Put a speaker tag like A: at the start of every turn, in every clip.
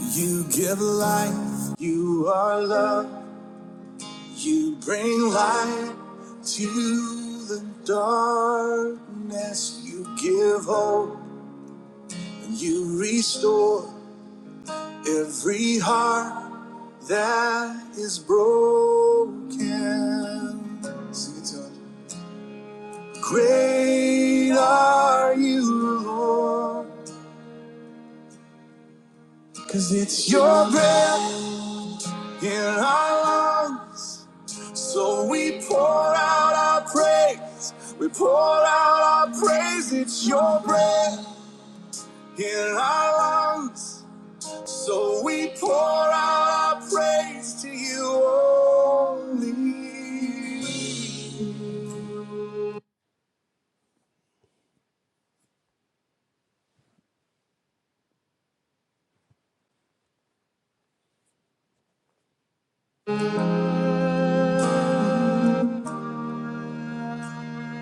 A: You give life, you are love, you bring light to the darkness. You give hope, and you restore every heart that is broken. Sing it to us. Great are you, Lord, 'cause it's your breath in our lungs. So we pour out our praise. We pour out our praise. It's your breath in our lungs. So we pour out our praise to you only.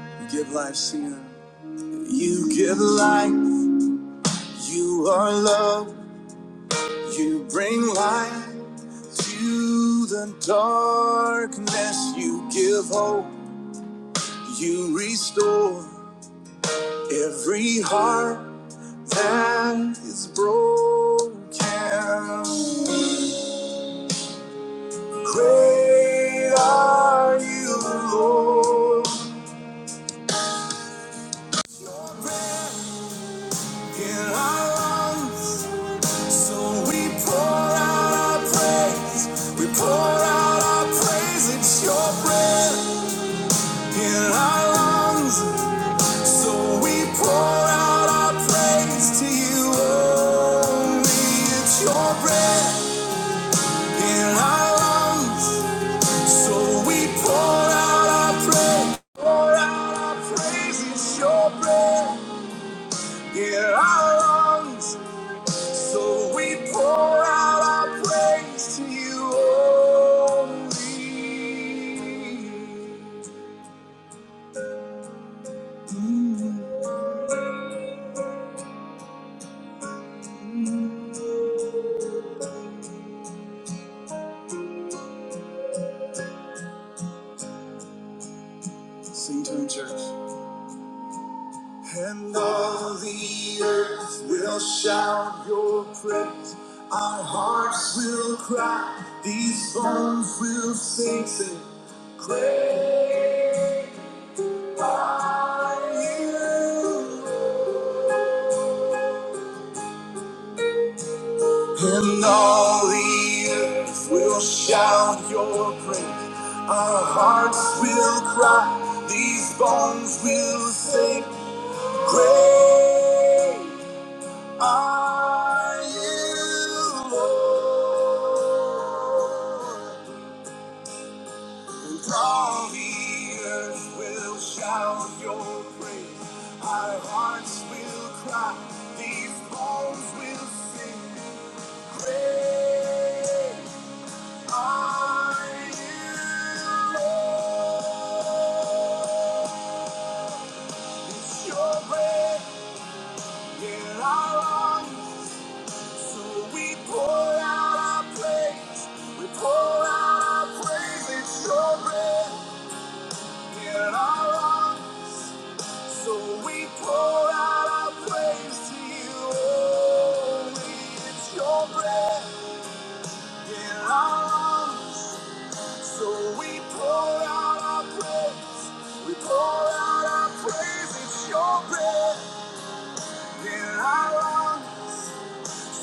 A: You give life, Cena. You give life. You are love. You bring light to the darkness. You give hope. You restore. Every heart that is broken, great are you, Lord. Your breath In our lungs, so we pour out our praise. We pour out our praise. It's your breath in our lungs, so we pour out our praise to you only. It's your breath. in our lungs. So we pour out our praise, pour out our praise. your breath in our lungs. So we pour out our praise to you only. Sing to him, church. And all the earth will shout your praise. Our hearts will cry. These bones will sing, sing. Great are you. And all the earth will shout your praise. Our hearts will cry. These bones will sing. Great. Are you Lord? And all the earth will shout your praise. Our hearts will cry. These bones will sing. Great are you, Lord. It's your breath in our lungs. So we pour out our praise, we pour out our praise, it's your breath in our lungs. So we pour out our praise to you, holy, it's your breath in our lungs. So we pour out our praise, we pour out our praise, it's your breath in our lungs.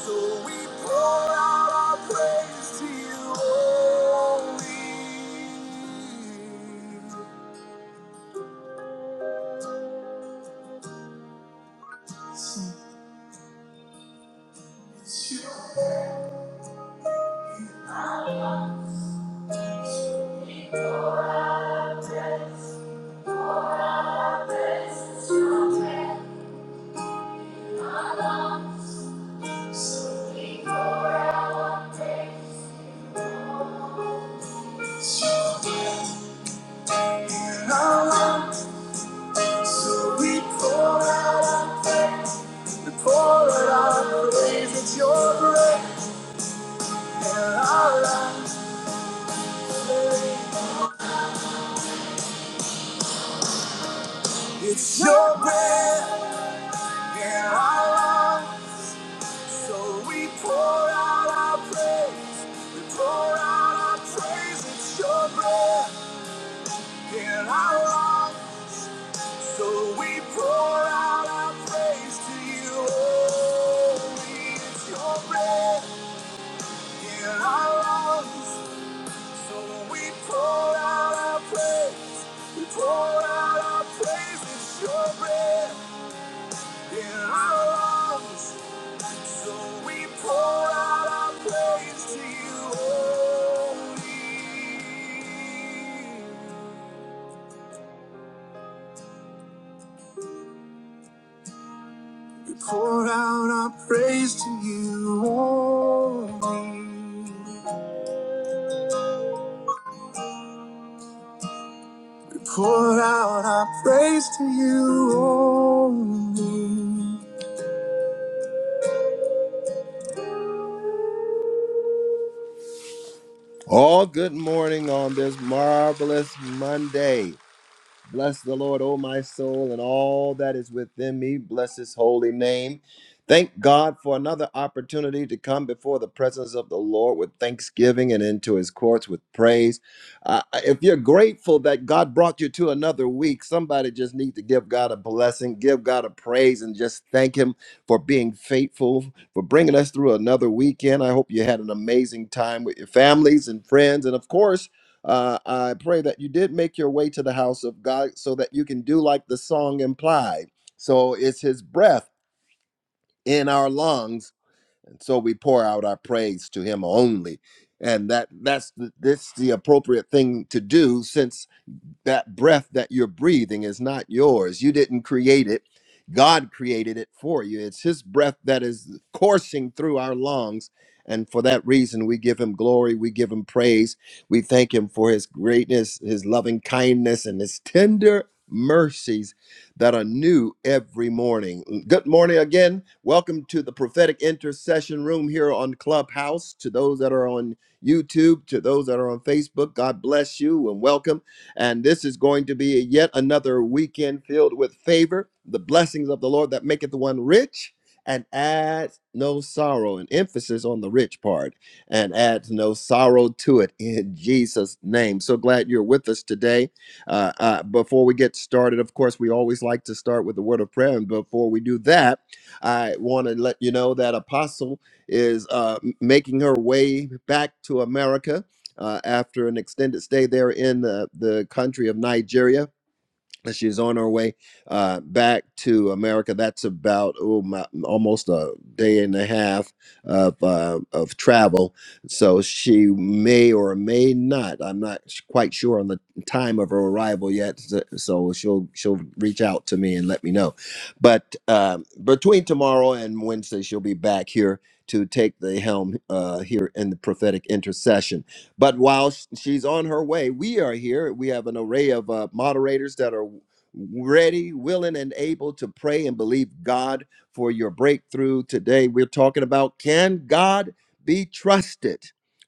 A: So we pour out our praise to you, only. holy. So we pour out, we pour out our praise. It's your breath and our life. It's your breath in our lungs, so we pour out our praise. We pour out our praise. It's your breath in our lungs, so we pour out our praise to you. Holy, it's your breath in our lungs, so we pour out our praise. We pour out our praise. It's your breath in our lungs. So pour out our praise to you, holy. We pour out our praise to you, holy. All good morning on this marvelous Monday. Bless the Lord, O my soul, and all that is within me. Bless his holy name. Thank God for another opportunity to come before the presence of the Lord with thanksgiving and into his courts with praise. Uh, if you're grateful that God brought you to another week, somebody just need to give God a blessing, give God a praise, and just thank him for being faithful, for bringing us through another weekend. I hope you had an amazing time with your families and friends. And of course, uh, I pray that you did make your way to the house of God so that you can do like the song implied. So it's his breath in our lungs. And so we pour out our praise to him only. And that that's the, this the appropriate thing to do since that breath that you're breathing is not yours. You didn't create it. God created it for you. It's his breath that is coursing through our lungs. And for that reason, we give him glory. We give him praise. We thank him for his greatness, his loving kindness, and his tender mercies that are new every morning. Good morning again. Welcome to the prophetic intercession room here on Clubhouse. To those that are on YouTube, to those that are on Facebook, God bless you and welcome. And this is going to be yet another weekend filled with favor, the blessings of the Lord that maketh the one rich and adds no sorrow. An emphasis on the rich part and adds no sorrow to it in Jesus' name. So glad you're with us today. Uh, uh, before we get started, of course, we always like to start with the word of prayer. And before we do that, I want to let you know that Apostle is uh, making her way back to America uh, after an extended stay there in the, the country of Nigeria. And She's on her way uh, back to America. That's about oh, my, almost a day and a half of, uh, of travel. So she may or may not. I'm not s- quite sure on the time of her arrival yet. So so she'll she'll reach out to me and let me know. But um, between tomorrow and Wednesday, she'll be back here to take the helm uh, here in the prophetic intercession. But while sh- she's on her way, we are here. We have an array of uh, moderators that are ready, willing, and able to pray and believe God for your breakthrough. Today, we're talking about can God be trusted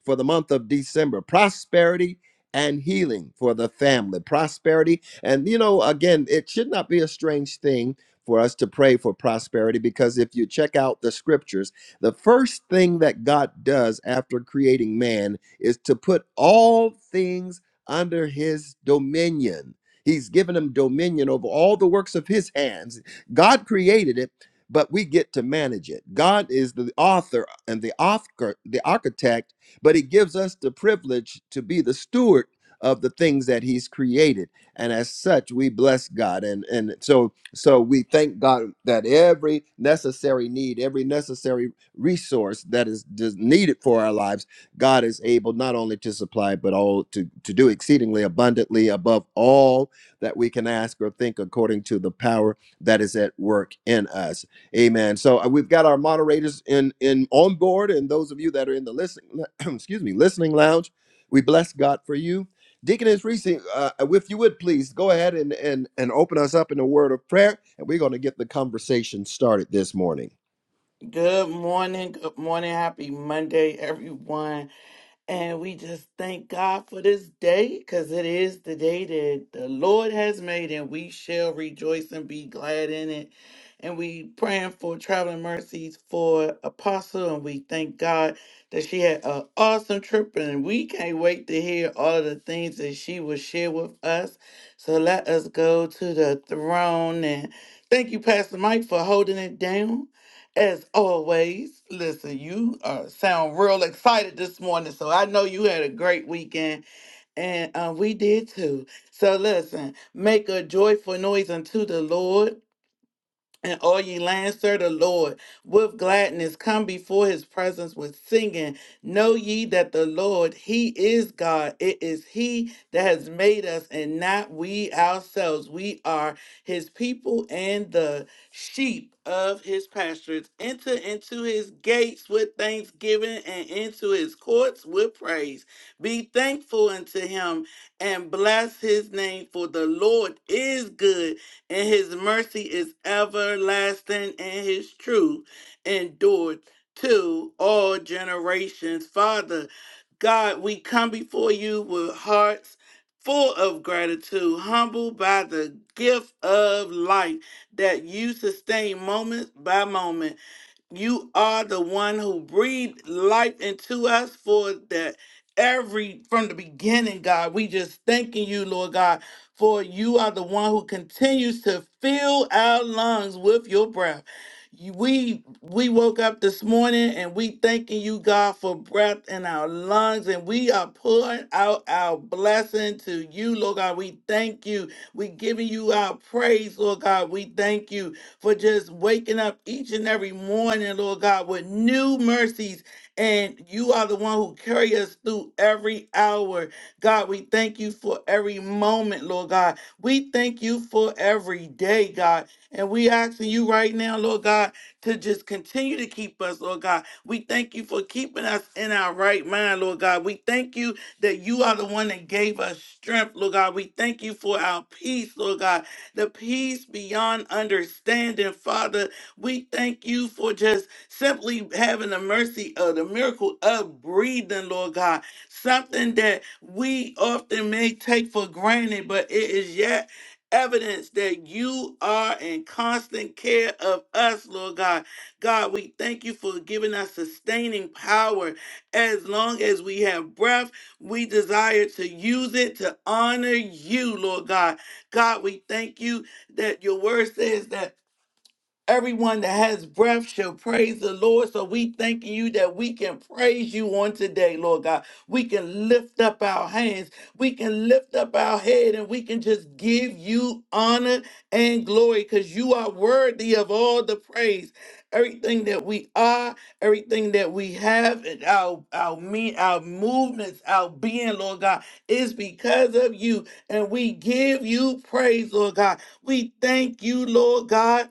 A: for the month of December? Prosperity and healing for the family. Prosperity. And, you know, again, it should not be a strange thing for us to pray for prosperity because if you check out the scriptures, the first thing that God does after creating man is to put all things under his dominion. He's given him dominion over all the works of his hands. God created it, but we get to manage it. God is the author and the author, the architect, but he gives us the privilege to be the steward of the things that he's created. And as such, we bless God. And and so so we thank God that every necessary need, every necessary resource that is, is needed for our lives God is able not only to supply, but all to, to do exceedingly abundantly above all that we can ask or think according to the power that is at work in us. Amen. So uh, we've got our moderators in, in on board, and those of you that are in the listening, excuse me, listening lounge, we bless God for you. Deaconess Reese, uh, if you would please go ahead and, and, and open us up in a word of prayer, and we're going to get the conversation started this morning.
B: Good morning, good morning, happy Monday, everyone. And we just thank God for this day because it is the day that the Lord has made, and we shall rejoice and be glad in it. And we praying for traveling mercies for Apostle, and we thank God that she had an awesome trip, and we can't wait to hear all of the things that she will share with us. So let us go to the throne and thank you, Pastor Mike, for holding it down. As always, listen, you uh, sound real excited this morning, so I know you had a great weekend, and uh, we did too. So, listen, make a joyful noise unto the Lord. And all ye lands, serve the Lord with gladness. Come before his presence with singing. Know ye that the Lord, he is God. It is he that has made us and not we ourselves. We are his people and the sheep of his pastures. Enter into his gates with thanksgiving and into his courts with praise. Be thankful unto him and bless his name, for the Lord is good and his mercy is everlasting, and his truth endured to all generations. Father, God, we come before you with hearts full of gratitude, humbled by the gift of life that you sustain moment by moment. You are the one who breathed life into us for that every from the beginning, God. We just thanking you, Lord God, for you are the one who continues to fill our lungs with your breath. You- We we woke up this morning and we thanking you, God, for breath in our lungs, and we are pouring out our blessing to you, Lord God. We thank you. We giving you our praise, Lord God. We thank you for just waking up each and every morning, Lord God, with new mercies. And you are the one who carry us through every hour. God, we thank you for every moment, Lord God. We thank you for every day, God. And we asking you right now, Lord God, to just continue to keep us, Lord God. We thank you for keeping us in our right mind, Lord God. We thank you that you are the one that gave us strength, Lord God. We thank you for our peace, Lord God the peace beyond understanding, Father. We thank you for just simply having the mercy of the miracle of breathing, Lord God. Something that we often may take for granted, but it is yet evidence that you are in constant care of us, Lord God. God, we thank you for giving us sustaining power. As long as we have breath, we desire to use it to honor you, Lord God. God, we thank you that your word says that Everyone that has breath shall praise the Lord. So we thanking you that we can praise you on today, Lord God. We can lift up our hands, we can lift up our head, and we can just give you honor and glory because you are worthy of all the praise. Everything that we are, everything that we have, and our our me, our movements, our being, Lord God, is because of you. And we give you praise, Lord God. We thank you, Lord God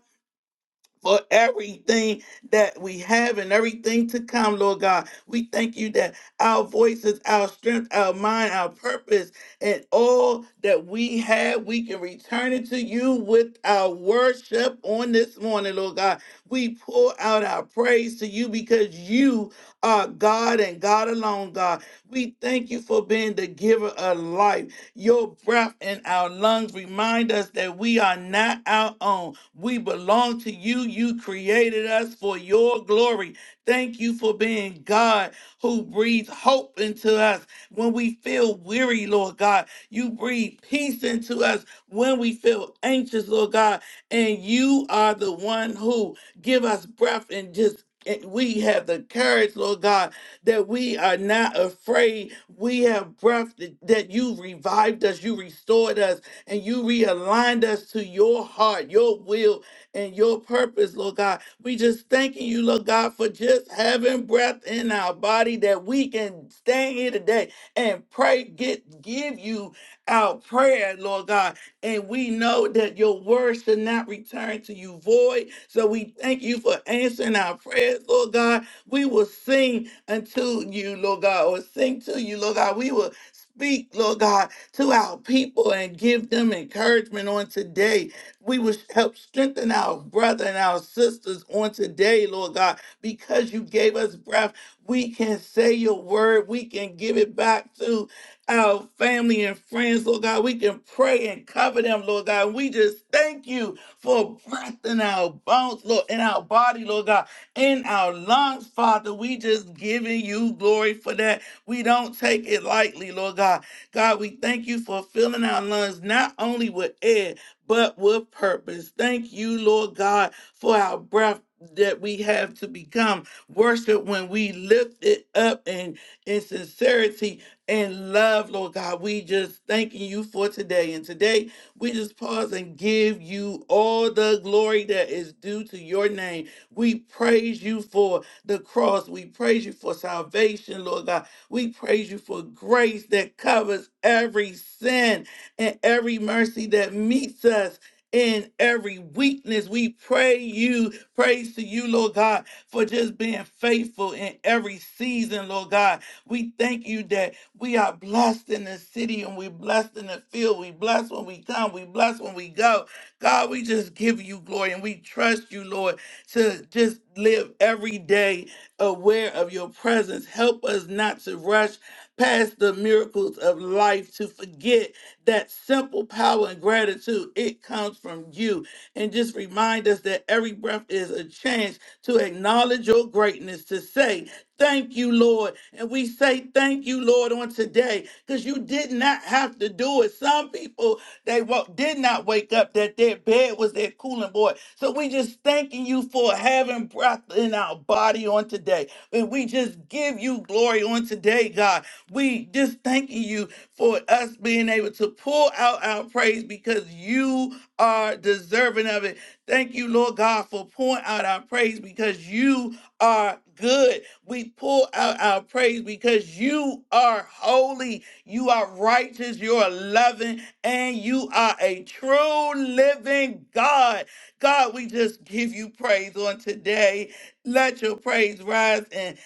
B: for everything that we have and everything to come, Lord God. We thank you that our voices, our strength, our mind, our purpose, and all that we have, we can return it to you with our worship on this morning, Lord God. We pour out our praise to you because you are God and God alone, God. We thank you for being the giver of life. Your breath in our lungs remind us that we are not our own. We belong to you. You created us for your glory. Thank you for being God who breathes hope into us when we feel weary, Lord God. You breathe peace into us when we feel anxious, Lord God. And you are the one who give us breath and just and we have the courage, Lord God, that we are not afraid. We have breath that that you revived us, you restored us, and you realigned us to your heart, your will, and your purpose, Lord God. We just thanking you, Lord God, for just having breath in our body that we can stand here today and pray, get give you our prayer, Lord God. And we know that your word should not return to you void. So we thank you for answering our prayers, Lord God. We will sing unto you, Lord God, or sing to you, Lord God. We will speak, Lord God, to our people and give them encouragement on today. We will help strengthen our brother and our sisters on today, Lord God, because you gave us breath. We can say your word. We can give it back to our family and friends, Lord God. We can pray and cover them, Lord God. We just thank you for breath in our bones, Lord, in our body, Lord God in our lungs, Father. We just giving you glory for that. We don't take it lightly, Lord God. God, we thank you for filling our lungs not only with air, but with purpose. Thank you, Lord God, for our breath that we have to become worship when we lift it up in, in sincerity and love, Lord God. We just thanking you for today. And today we just pause and give you all the glory that is due to your name. We praise you for the cross. We praise you for salvation, Lord God. We praise you for grace that covers every sin and every mercy that meets us. In every weakness, we pray you, praise to you, Lord God, for just being faithful in every season, Lord God. We thank you that we are blessed in the city and we blessed in the field. We blessed when we come, we blessed when we go. God, we just give you glory and we trust you, Lord to just live every day aware of your presence. Help us not to rush past the miracles of life, to forget that simple power and gratitude. It comes from you. And just remind us that every breath is a chance to acknowledge your greatness, to say, Thank you, Lord. And we say thank you, Lord, on today because you did not have to do it. Some people they wo- did not wake up, that their bed was their cooling board. So we just thanking you for having breath in our body on today. And we just give you glory on today, God. We just thanking you for us being able to pull out our praise because you are deserving of it. Thank you, Lord God, for pouring out our praise because you are good. We pull out our praise because you are holy. You are righteous, you are loving, and you are a true living God. God, we just give you praise on today. Let your praise rise and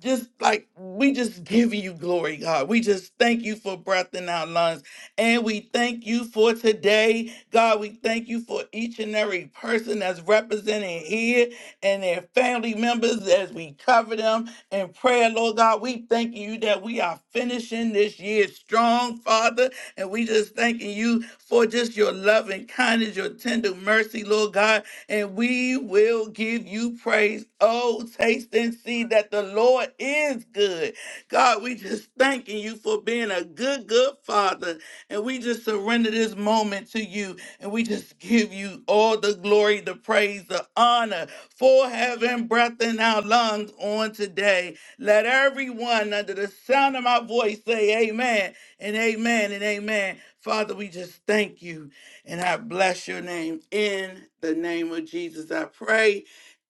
B: just like we just give you glory, God. We just thank you for breath in our lungs. And we thank you for today. God, we thank you for each and every person that's represented here and their family members as we cover them and prayer, Lord God. We thanking you that we are finishing this year strong, Father. And we just thanking you for just your love and kindness, your tender mercy, Lord God. And we will give you praise. Oh, taste and see that the Lord is good. God, we just thanking you for being a good, good Father. And we just surrender this moment to you. And we just give you all the glory, the praise, the honor for having breath in our lungs on today. Let everyone under the sound of my voice say amen and amen and amen. Father, we just thank you and I bless your name. In the name of Jesus, I pray.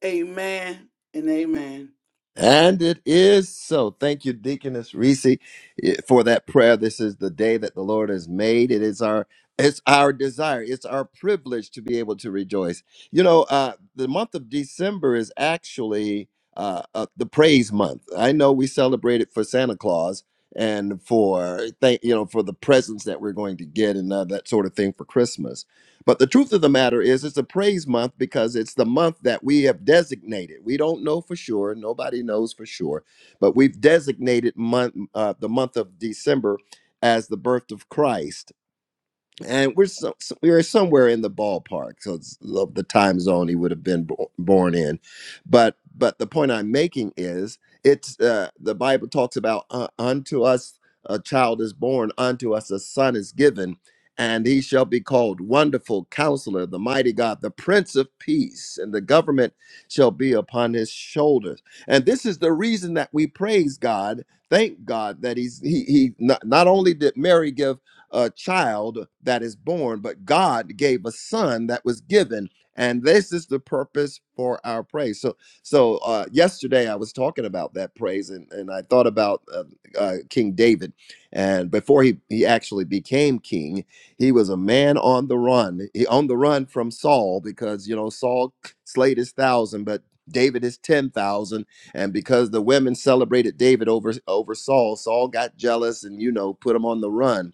B: Amen and amen.
A: And it is so. Thank you, Deaconess Reese, eh, for that prayer. This is the day that the Lord has made. It is our it's our desire. It's our privilege to be able to rejoice. You know, uh, the month of December is actually uh, uh, the praise month. I know we celebrate it for Santa Claus and for thank you know for the presents that we're going to get and uh, that sort of thing for Christmas but the truth of the matter is, it's a praise month because it's the month that we have designated. We don't know for sure; nobody knows for sure, but we've designated month, uh, the month of December as the birth of Christ and we're so, so- we were somewhere in the ballpark so it's of the time zone he would have been bo- born in but but the point i'm making is it's uh, the bible talks about uh, unto us a child is born unto us a son is given and he shall be called wonderful counselor the mighty god the prince of peace and the government shall be upon his shoulders and this is the reason that we praise god thank god that he's he, he not, not only did mary give a child that is born, but God gave a son that was given. And this is the purpose for our praise. So, so uh, yesterday I was talking about that praise, and, and I thought about uh, uh, King David. And before he he actually became king, he was a man on the run. He on the run from Saul because you know Saul slayed his thousand, but David is ten thousand. And because the women celebrated David over over Saul, Saul got jealous and you know put him on the run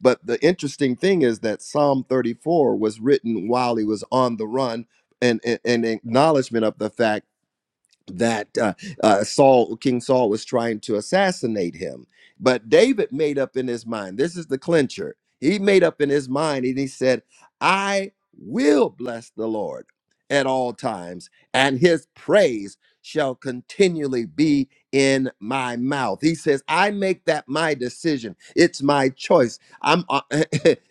A: but the interesting thing is that Psalm 34 was written while he was on the run and in acknowledgement of the fact that uh, uh, Saul, King Saul, was trying to assassinate him. But David made up in his mind. This is the clincher. He made up in his mind, and he said, "I will bless the Lord at all times, and His praise shall continually be in my mouth." He says, "I make that my decision. It's my choice." I'm uh,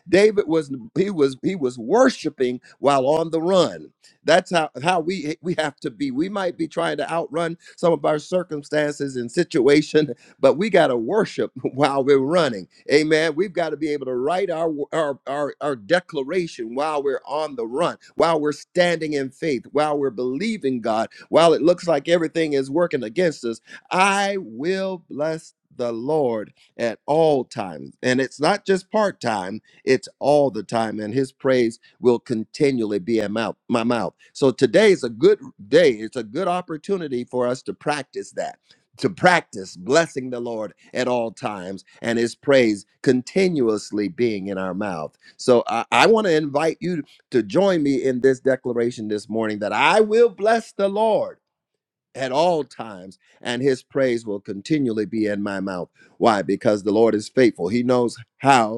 A: David was he was he was worshiping while on the run that's how, how we we have to be. We might be trying to outrun some of our circumstances and situation, but we got to worship while we're running. Amen. We've got to be able to write our, our our our declaration while we're on the run, while we're standing in faith, while we're believing God, while it looks like everything is working against us. I will bless the Lord at all times. And it's not just part time, it's all the time. And his praise will continually be in mouth, my mouth. So today is a good day. It's a good opportunity for us to practice that, to practice blessing the Lord at all times and his praise continuously being in our mouth. So I, I want to invite you to join me in this declaration this morning that I will bless the Lord at all times and his praise will continually be in my mouth. Why? Because the Lord is faithful. He knows how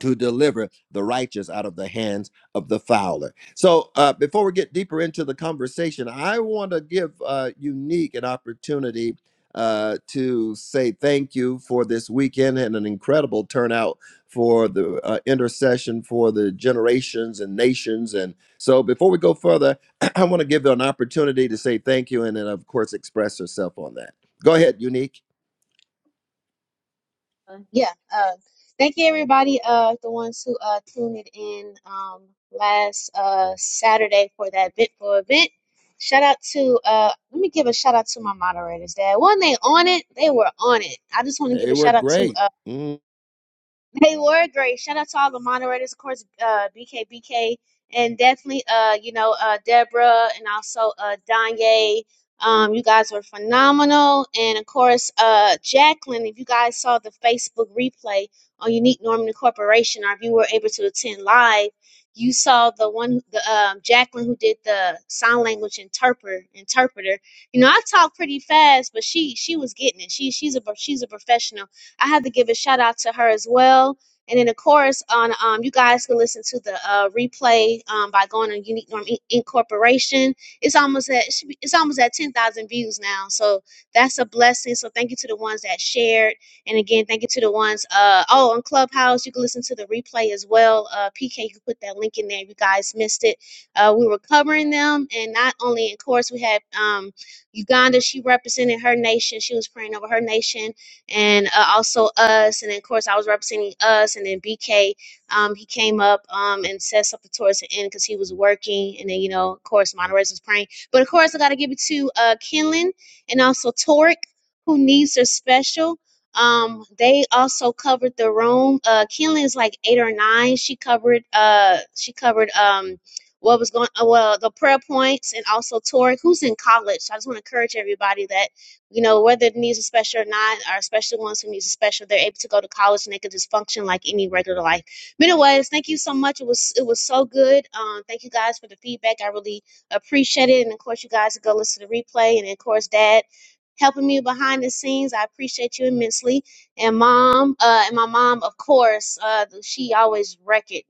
A: to deliver the righteous out of the hands of the fowler. So, uh, before we get deeper into the conversation, I want to give uh, Unique an opportunity uh, to say thank you for this weekend and an incredible turnout for the uh, intercession for the generations and nations. And so, before we go further, I want to give you an opportunity to say thank you and then, of course, express yourself on that. Go ahead, Unique.
C: Uh, yeah. Uh, thank you, everybody. Uh, the ones who uh tuned it in um last uh Saturday for that bit for event. Shout out to uh, let me give a shout out to my moderators. That when they on it, they were on it. I just want to give
A: They
C: a
A: were
C: shout out to
A: great.
C: uh,
A: Mm.
C: they were great. Shout out to all the moderators, of course, uh, BK, and definitely, uh, you know, uh, Deborah and also uh, Danye. Um, you guys were phenomenal, and of course, uh, Jacqueline. If you guys saw the Facebook replay on Unique Norman Corporation, or if you were able to attend live, you saw the one, the um, Jacqueline who did the sign language interpreter. Interpreter. You know, I talk pretty fast, but she she was getting it. She she's a she's a professional I have to give a shout out to her as well. And then of course on um you guys can listen to the uh replay um by going on Unique Norm In- Incorporation. It's almost at it should be- it's almost at ten thousand views now. So that's a blessing. So thank you to the ones that shared. And again, thank you to the ones uh oh on Clubhouse. You can listen to the replay as well. Uh PK, you can put that link in there if you guys missed it. Uh we were covering them and not only of course we had um Uganda, she represented her nation. She was praying over her nation and uh, also us. And then, of course, I was representing us. And then BK, um, he came up um, and said something towards the end because he was working. And then, you know, of course, Monterey's was praying. But of course, I got to give it to uh, Kenlon and also Torek, who needs their special. Um, they also covered the room. Uh, Kenley is like eight or nine. She covered. Uh, she covered. Um, what was going? Uh, well, the prayer points, and also Tori, who's in college. So I just want to encourage everybody that you know, whether it needs a special or not, or especially ones who needs a special, they're able to go to college and they can just function like any regular life. But anyways, thank you so much. It was it was so good. Um, thank you guys for the feedback. I really appreciate it. And of course, you guys can go listen to the replay. And of course, Dad helping me behind the scenes. I appreciate you immensely. And Mom, uh, and my mom, of course, uh, she always wreck it.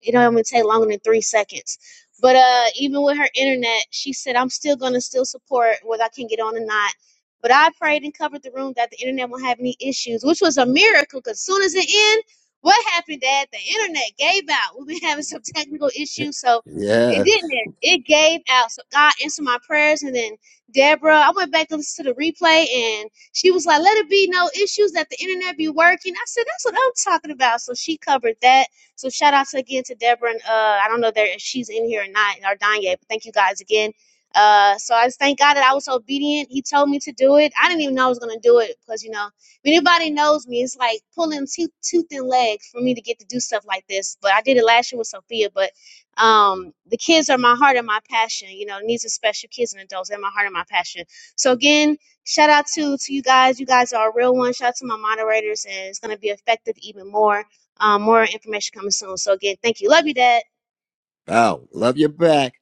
C: It don't even take longer than three seconds. But uh, even with her internet, she said, I'm still going to still support whether I can get on or not but I prayed and covered the room that the internet won't have any issues, which was a miracle because soon as it ended, what happened, Dad? The internet gave out. We've been having some technical issues, so it
A: Yeah.
C: didn't. It gave out. So God answered my prayers. And then Deborah, I went back and listened to the replay, and she was like, Let it be no issues, that the internet be working. I said, That's what I'm talking about. So she covered that. So shout out to, again to Deborah. And uh, I don't know there- if she's in here or not, or Danye, but thank you guys again uh, so I just thank God that I was so obedient. He told me to do it. I didn't even know I was gonna do it because you know, if anybody knows me, it's like pulling tooth, tooth thin legs for me to get to do stuff like this. But I did it last year with Sophia. But um, the kids are my heart and my passion. You know, needs of special kids and adults are my heart and my passion. So again, shout out to to you guys. You guys are a real one. Shout out to my moderators, and it's gonna be effective even more. Um, more information coming soon. So again, thank you. Love you, Dad.
A: Wow, love you back.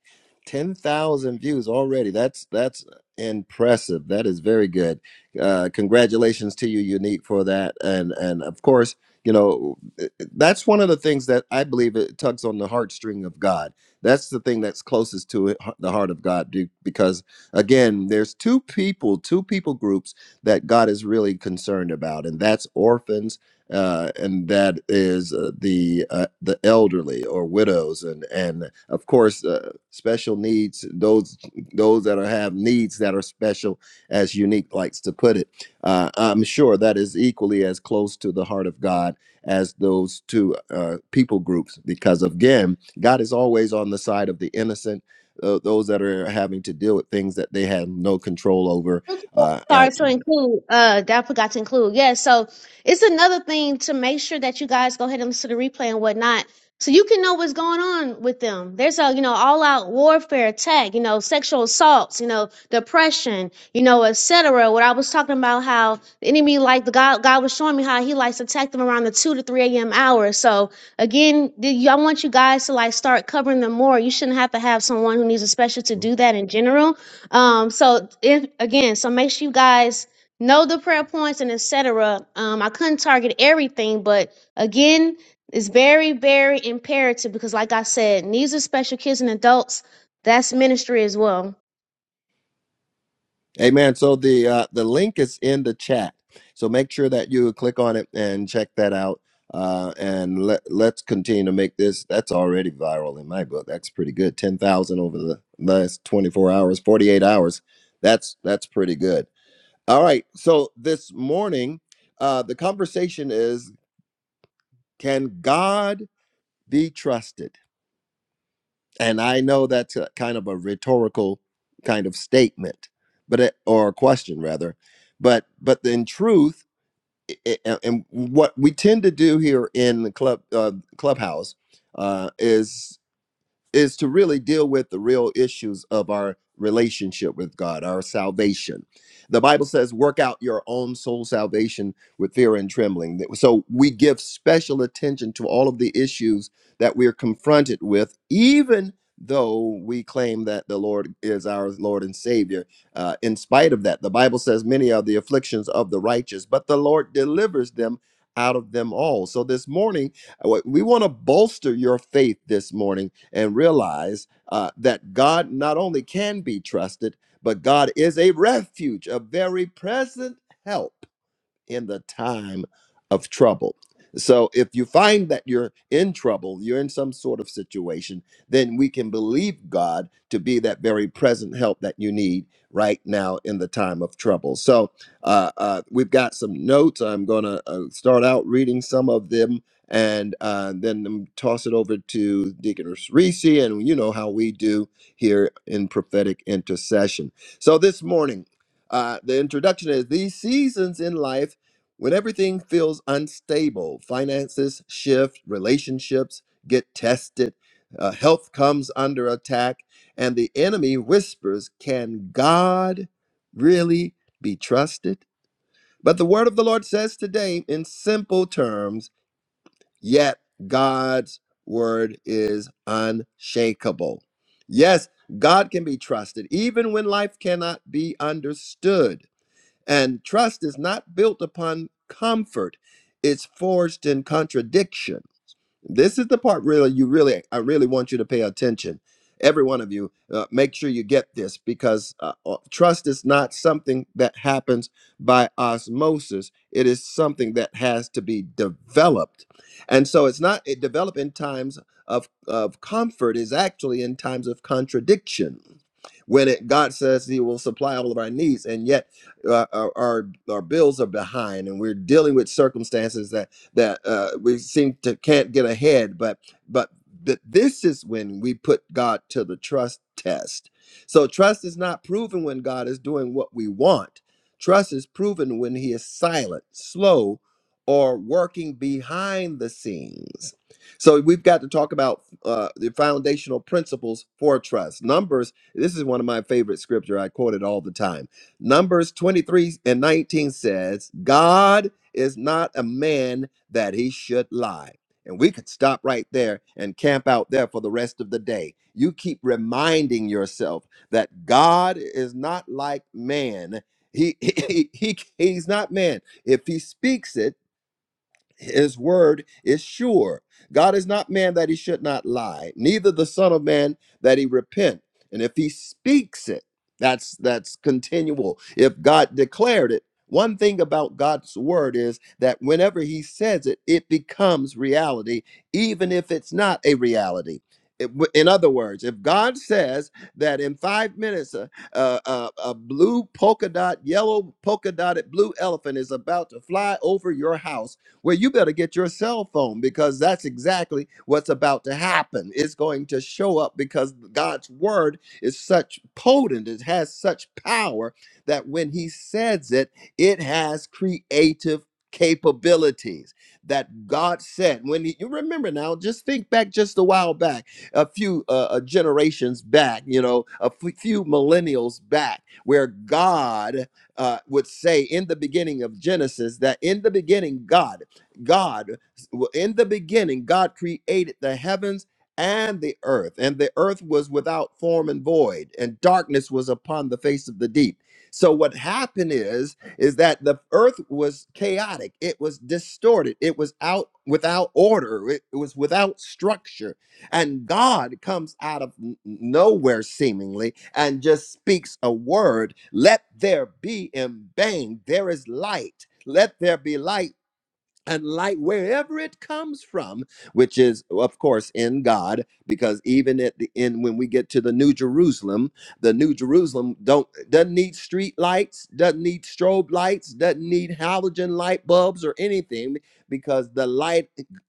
A: 10,000 views already. That's that's impressive. That is very good. Uh congratulations to you Unique for that and and of course, you know, eh, eh, that's one of the things that I believe it tugs on the heartstring of God. That's the thing that's closest to it, the heart of God be- because again, there's two people, two people groups that God is really concerned about and that's orphans uh, and that is uh, the uh, the elderly or widows, and and of course uh, special needs those those that are, have needs that are special, as Unique likes to put it. Uh, I'm sure that is equally as close to the heart of God as those two uh, people groups, because again, God is always on the side of the innocent. tho- Those that are having to deal with things that they have no control over,
C: Okay,
A: uh, uh,
C: Sorry, so include uh that I forgot to include. Yeah, so it's another thing to make sure that you guys go ahead and listen to the replay and whatnot. So you can know what's going on with them. There's a, you know, all out warfare attack, you know, sexual assaults, you know, depression, you know, etc. What I was talking about how the enemy like the God God was showing me how he likes to attack them around the two to three AM hour. So again, the- I want you guys to like start covering them more. You shouldn't have to have someone who needs a special to do that in general um, so if again, so make sure you guys know the prayer points and etc. Um, I couldn't target everything, but again, it's very, very imperative because like I said, needs are special kids and adults, that's ministry as well.
A: Amen. So the uh, the link is in the chat. So make sure that you click on it and check that out. Uh, and let let's continue to make this. That's already viral in my book. That's pretty good. Ten thousand over the last twenty four hours, forty eight hours. That's that's pretty good. All right. So this morning, uh, the conversation is: Can God be trusted? And I know that's a kind of a rhetorical kind of statement, but it, or a question rather, but but in truth, i- i- a- and what we tend to do here in the club uh, clubhouse uh, is is to really deal with the real issues of our relationship with God, our salvation. The Bible says, work out your own soul salvation with fear and trembling. That- So we give special attention to all of the issues that we're confronted with, even though we claim that the Lord is our Lord and Savior. Uh, in spite of that, the Bible says, many are the afflictions of the righteous, but the Lord delivers them out of them all. So this morning, uh, we want to bolster your faith this morning and realize uh, that God not only can be trusted, but God is a refuge, a very present help in the time of trouble. So if you find that you're in trouble, you're in some sort of situation, then we can believe God to be that very present help that you need right now in the time of trouble. So uh, uh, we've got some notes. I'm going to uh, start out reading some of them and uh, then um, toss it over to Deaconess Reese. And you know how we do here in prophetic intercession. So this morning, uh, the introduction is these seasons in life when everything feels unstable, finances shift, relationships get tested, uh, health comes under attack, and the enemy whispers, Can God really be trusted? But the word of the Lord says today, in simple terms, yet God's word is unshakable. Yes, God can be trusted, even when life cannot be understood. And trust is not built upon comfort, it's forged in contradiction. This is the part really you really I really want you to pay attention. Every one of you, uh, make sure you get this because uh, uh, trust is not something that happens by osmosis. It is something that has to be developed, and so it's not it develop in times of of comfort is actually in times of contradiction. When it, God says He will supply all of our needs, and yet uh, our, our our bills are behind, and we're dealing with circumstances that that uh, we seem to can't get ahead. But but th- this is when we put God to the trust test. So trust is not proven when God is doing what we want. Trust is proven when He is silent, slow, or working behind the scenes. So we've got to talk about uh, the foundational principles for trust. Numbers. This is one of my favorite scripture. I quote it all the time. Numbers 23 and 19 says, God is not a man that he should lie. And we could stop right there and camp out there for the rest of the day. You keep reminding yourself that God is not like man. He, he, he he's not man. If he speaks it, his word is sure. God is not man that he should not lie, neither the son of man that he repent. And if he speaks it, that's that's continual. If God declared it, one thing about God's word is that whenever he says it, it becomes reality, even if it's not a reality. It- w- In other words, if God says that in five minutes a, a, a, a blue polka dot, yellow polka dotted blue elephant is about to fly over your house, well, you better get your cell phone because that's exactly what's about to happen. It's going to show up because God's word is such potent, it has such power that when He says it, it has creative capabilities that God said. When he, you remember now, just think back just a while back, a few uh, uh, generations back, you know, a f- few millennials back, where God uh, would say in the beginning of Genesis that in the beginning, God, God, well, in the beginning, God created the heavens and the earth, and the earth was without form and void, and darkness was upon the face of the deep. So what happened is is that the earth was chaotic, it was distorted, it was out without order, it, it was without structure. And God comes out of n- nowhere seemingly and just speaks a word, let there be in bang, there is light. Let there be light and light wherever it comes from which is of course in god because even at the end when we get to the new jerusalem the new jerusalem don't doesn't need street lights doesn't need strobe lights doesn't need halogen light bulbs or anything because the light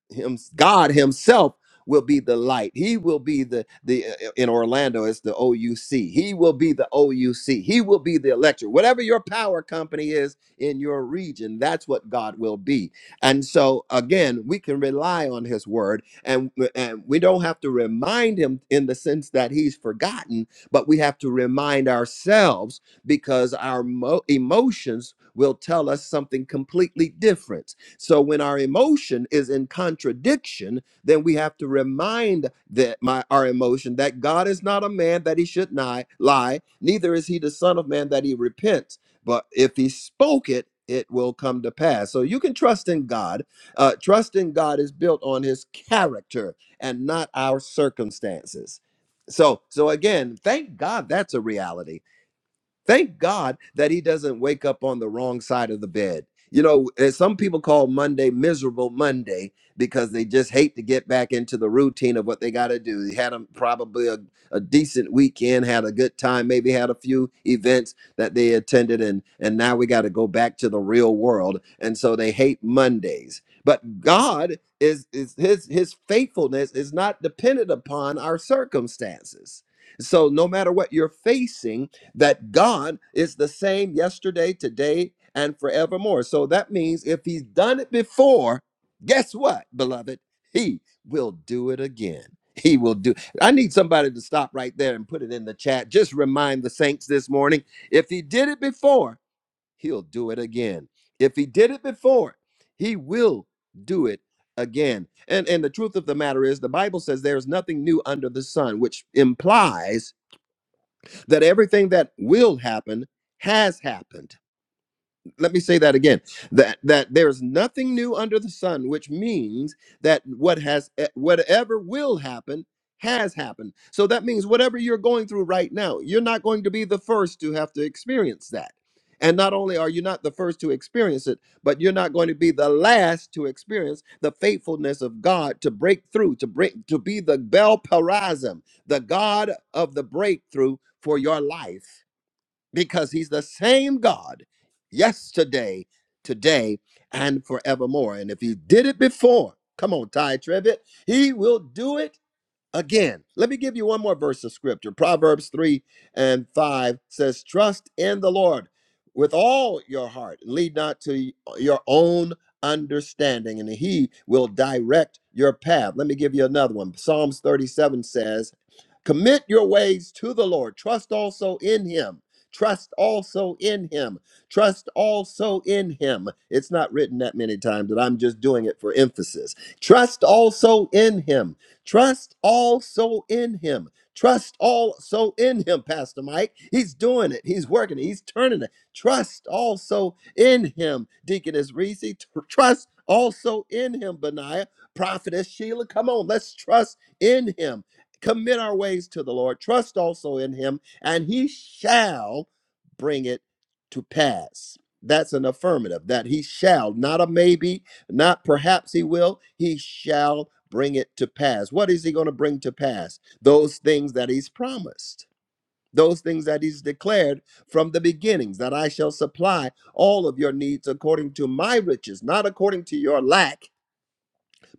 A: him, god himself will be the light he will be the the uh, uh, in orlando it's the ouc he will be the ouc he will be the electric whatever your power company is in your region that's what god will be and so again, we can rely on his word and, and we don't have to remind him in the sense that he's forgotten, but we have to remind ourselves because our mo- emotions will tell us something completely different. So when our emotion is in contradiction, then we have to remind that my our emotion that God is not a man that he should ni- lie, neither is he the son of man that he repents but if he spoke it, it will come to pass. So you can trust in God. Uh, trust in God is built on his character and not our circumstances. So, so again, thank God that's a reality Thank God that he doesn't wake up on the wrong side of the bed. You know, uh, some people call Monday miserable Monday because they just hate to get back into the routine of what they got to do. They had a, probably a, a decent weekend, had a good time, maybe had a few events that they attended, and and now we got to go back to the real world, and so they hate Mondays. But God is is his his faithfulness is not dependent upon our circumstances. So no matter what you're facing that God is the same yesterday, today, and forevermore. So that means if he's done it before, guess what, beloved? He will do it again. He will do. I need somebody to stop right there and put it in the chat. Just remind the saints this morning if he did it before, he'll do it again. If he did it before, he will do it again. And and the truth of the matter is the Bible says there is nothing new under the sun, which implies that everything that will happen has happened let me say that again that that there's nothing new under the sun which means that what has eh, whatever will happen has happened so that means whatever you're going through right now you're not going to be the first to have to experience that and not only are you not the first to experience it but you're not going to be the last to experience the faithfulness of god to break through to break to be the bel parazim the god of the breakthrough for your life because he's the same God yesterday, today, and forevermore. And if he did it before, come on, Ty Trevitt, he will do it again. Let me give you one more verse of scripture. Proverbs 3 and 5 says, Trust in the Lord with all your heart, and lead not to your own understanding, and he will direct your path. Let me give you another one. Psalms 37 says, Commit your ways to the Lord. Trust also in Him. Trust also in Him. Trust also in Him. It's not written that many times, but I'm just doing it for emphasis. Trust also in Him. Trust also in Him. Trust also in Him, Pastor Mike. He's doing it. He's working it. He's turning it. Trust also in Him, Deaconess Reese. Tr- Trust also in Him, Benaiah. Prophetess Sheila, come on, let's trust in Him commit our ways to the Lord, trust also in him, and he shall bring it to pass. That's an affirmative that he shall, not a maybe, not perhaps he will, he shall bring it to pass. What is he going to bring to pass? Those things that he's promised, those things that he's declared from the beginnings, that I shall supply all of your needs according to my riches, not according to your lack,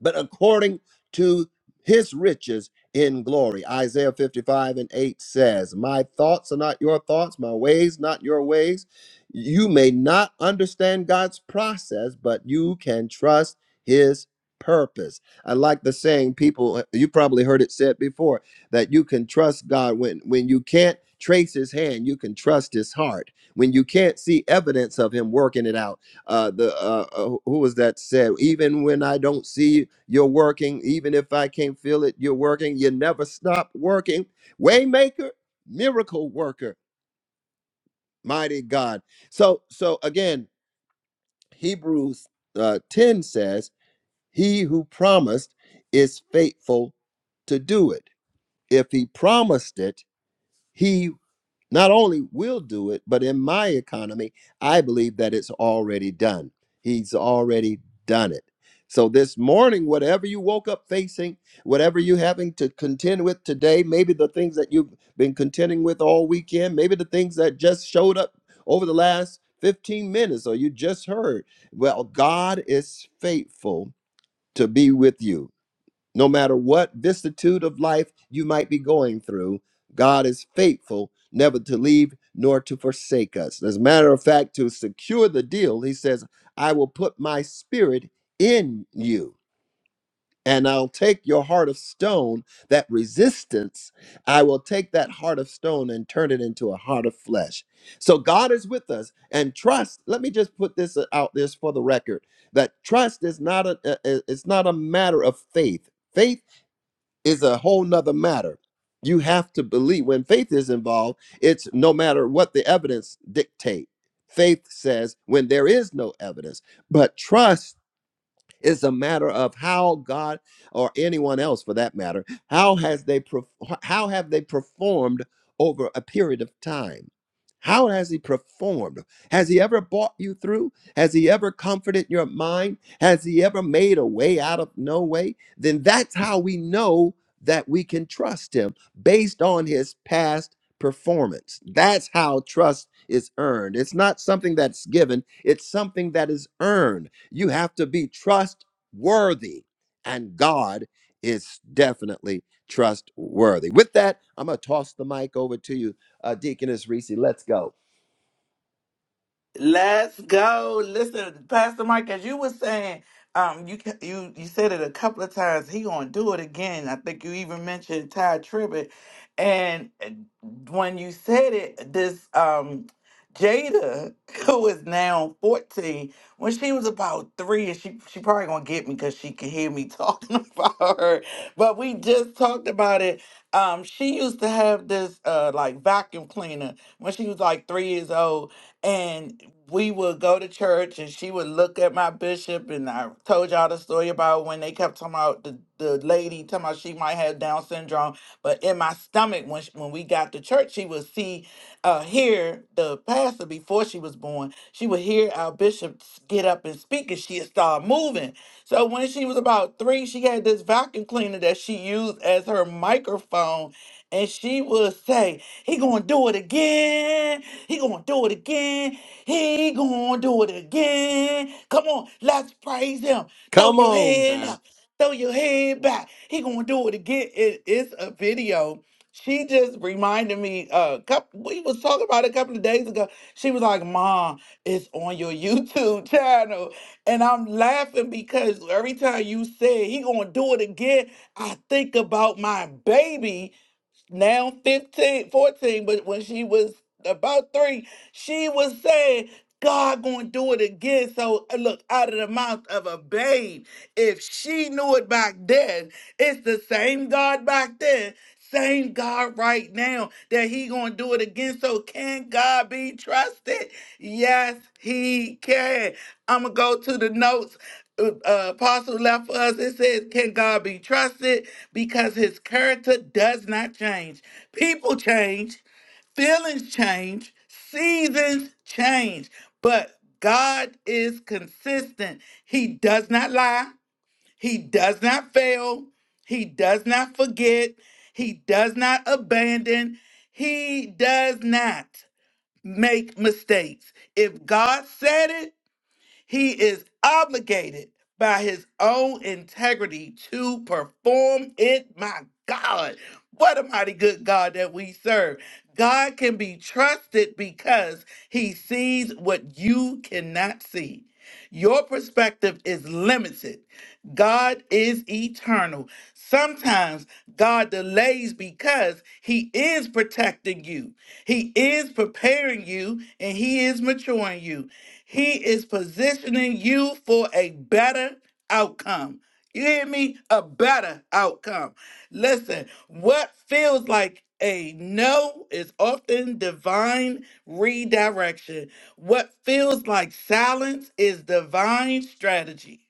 A: but according to his riches in glory. Isaiah 55 and 8 says, My thoughts are not your thoughts, my ways not your ways. You may not understand God's process, but you can trust his purpose. I like the saying people you probably heard it said before that you can trust God when when you can't trace his hand, you can trust his heart. When you can't see evidence of him working it out, uh, the uh, uh, who was that said? Even when I don't see you, you're working. Even if I can't feel it, you're working. You never stop working. Waymaker, miracle worker, mighty God. So, so again, Hebrews uh, ten says, "He who promised is faithful to do it. If he promised it, he. not only will do it, but in my economy, I believe that it's already done. He's already done it. So this morning, whatever you woke up facing, whatever you having to contend with today, maybe the things that you've been contending with all weekend, maybe the things that just showed up over the last 15 minutes or you just heard. Well, God is faithful to be with you. No matter what vicissitude of life you might be going through, God is faithful never to leave nor to forsake us. As a matter of fact, to secure the deal, he says, I will put my spirit in you. And I'll take your heart of stone, that resistance, I will take that heart of stone and turn it into a heart of flesh. So God is with us. And trust, let me just put this uh, out there for the record that trust is not a, a- a- it's not a matter of faith. Faith is a whole nother matter. You have to believe when faith is involved, it's no matter what the evidence dictate. Faith says when there is no evidence, but trust it's a matter of how God or anyone else for that matter, how has they perf- how have they performed over a period of time? How has he performed? Has he ever brought you through? Has he ever comforted your mind? Has he ever made a way out of no way? Then that's how we know that we can trust him based on his past performance. That's how trust is earned. It's not something that's given, it's something that is earned. You have to be trustworthy, and God is definitely trustworthy. With that, I'm going to toss the mic over to you, uh, Deaconess Reese. Let's go.
B: Let's go. Listen, Pastor Mike, as you were saying, um, you ca- you you said it a couple of times. He gonna do it again. I think you even mentioned Ty Tribbett, and uh, when you said it, this um, Jada, who is now fourteen, when she was about three, and she she probably gonna get me because she can hear me talking about her. But we just talked about it. Um, she used to have this uh like vacuum cleaner when she was like three years old and we would go to church and she would look at my bishop and I told y'all the story about when they kept talking about the, the lady talking about she might have Down syndrome but in my stomach when she, when we got to church she would see uh hear the pastor before she was born she would hear our bishop s- get up and speak and she'd start moving so when she was about three she had this vacuum cleaner that she used as her microphone and she would say he gonna do it again he gonna do it again. He gonna do it again. Come on, let's praise him. Throw
A: Come
B: your
A: on,
B: hand
A: man.
B: up. Throw your head back. He gonna do it again. It- it's a video. She just reminded me. Uh, couple, we was talking about it a couple of days ago. She was like, "Mom, it's on your YouTube channel," and I'm laughing because every time you say he gonna do it again, I think about my baby now 15, 14, but when she was about three, she was saying, God gonna do it again. So uh, look, out of the mouth of a babe, if she knew it back then, it's the same God back then, same God right now that he gonna do it again. So can God be trusted? Yes, he can. I'ma go to the notes uh, apostle left for us. It says, Can God be trusted? Because his character does not change. People change, feelings change, seasons change, but God is consistent. He does not lie, he does not fail, he does not forget, he does not abandon, he does not make mistakes. If God said it, he is obligated by his own integrity to perform it. My God, what a mighty good God that we serve. God can be trusted because he sees what you cannot see. Your perspective is limited God is eternal. Sometimes God delays because He is protecting you, He is preparing you, and He is maturing you. He is positioning you for a better outcome. You hear me? A better outcome. Listen, what feels like a no is often divine redirection. What feels like silence is divine strategy.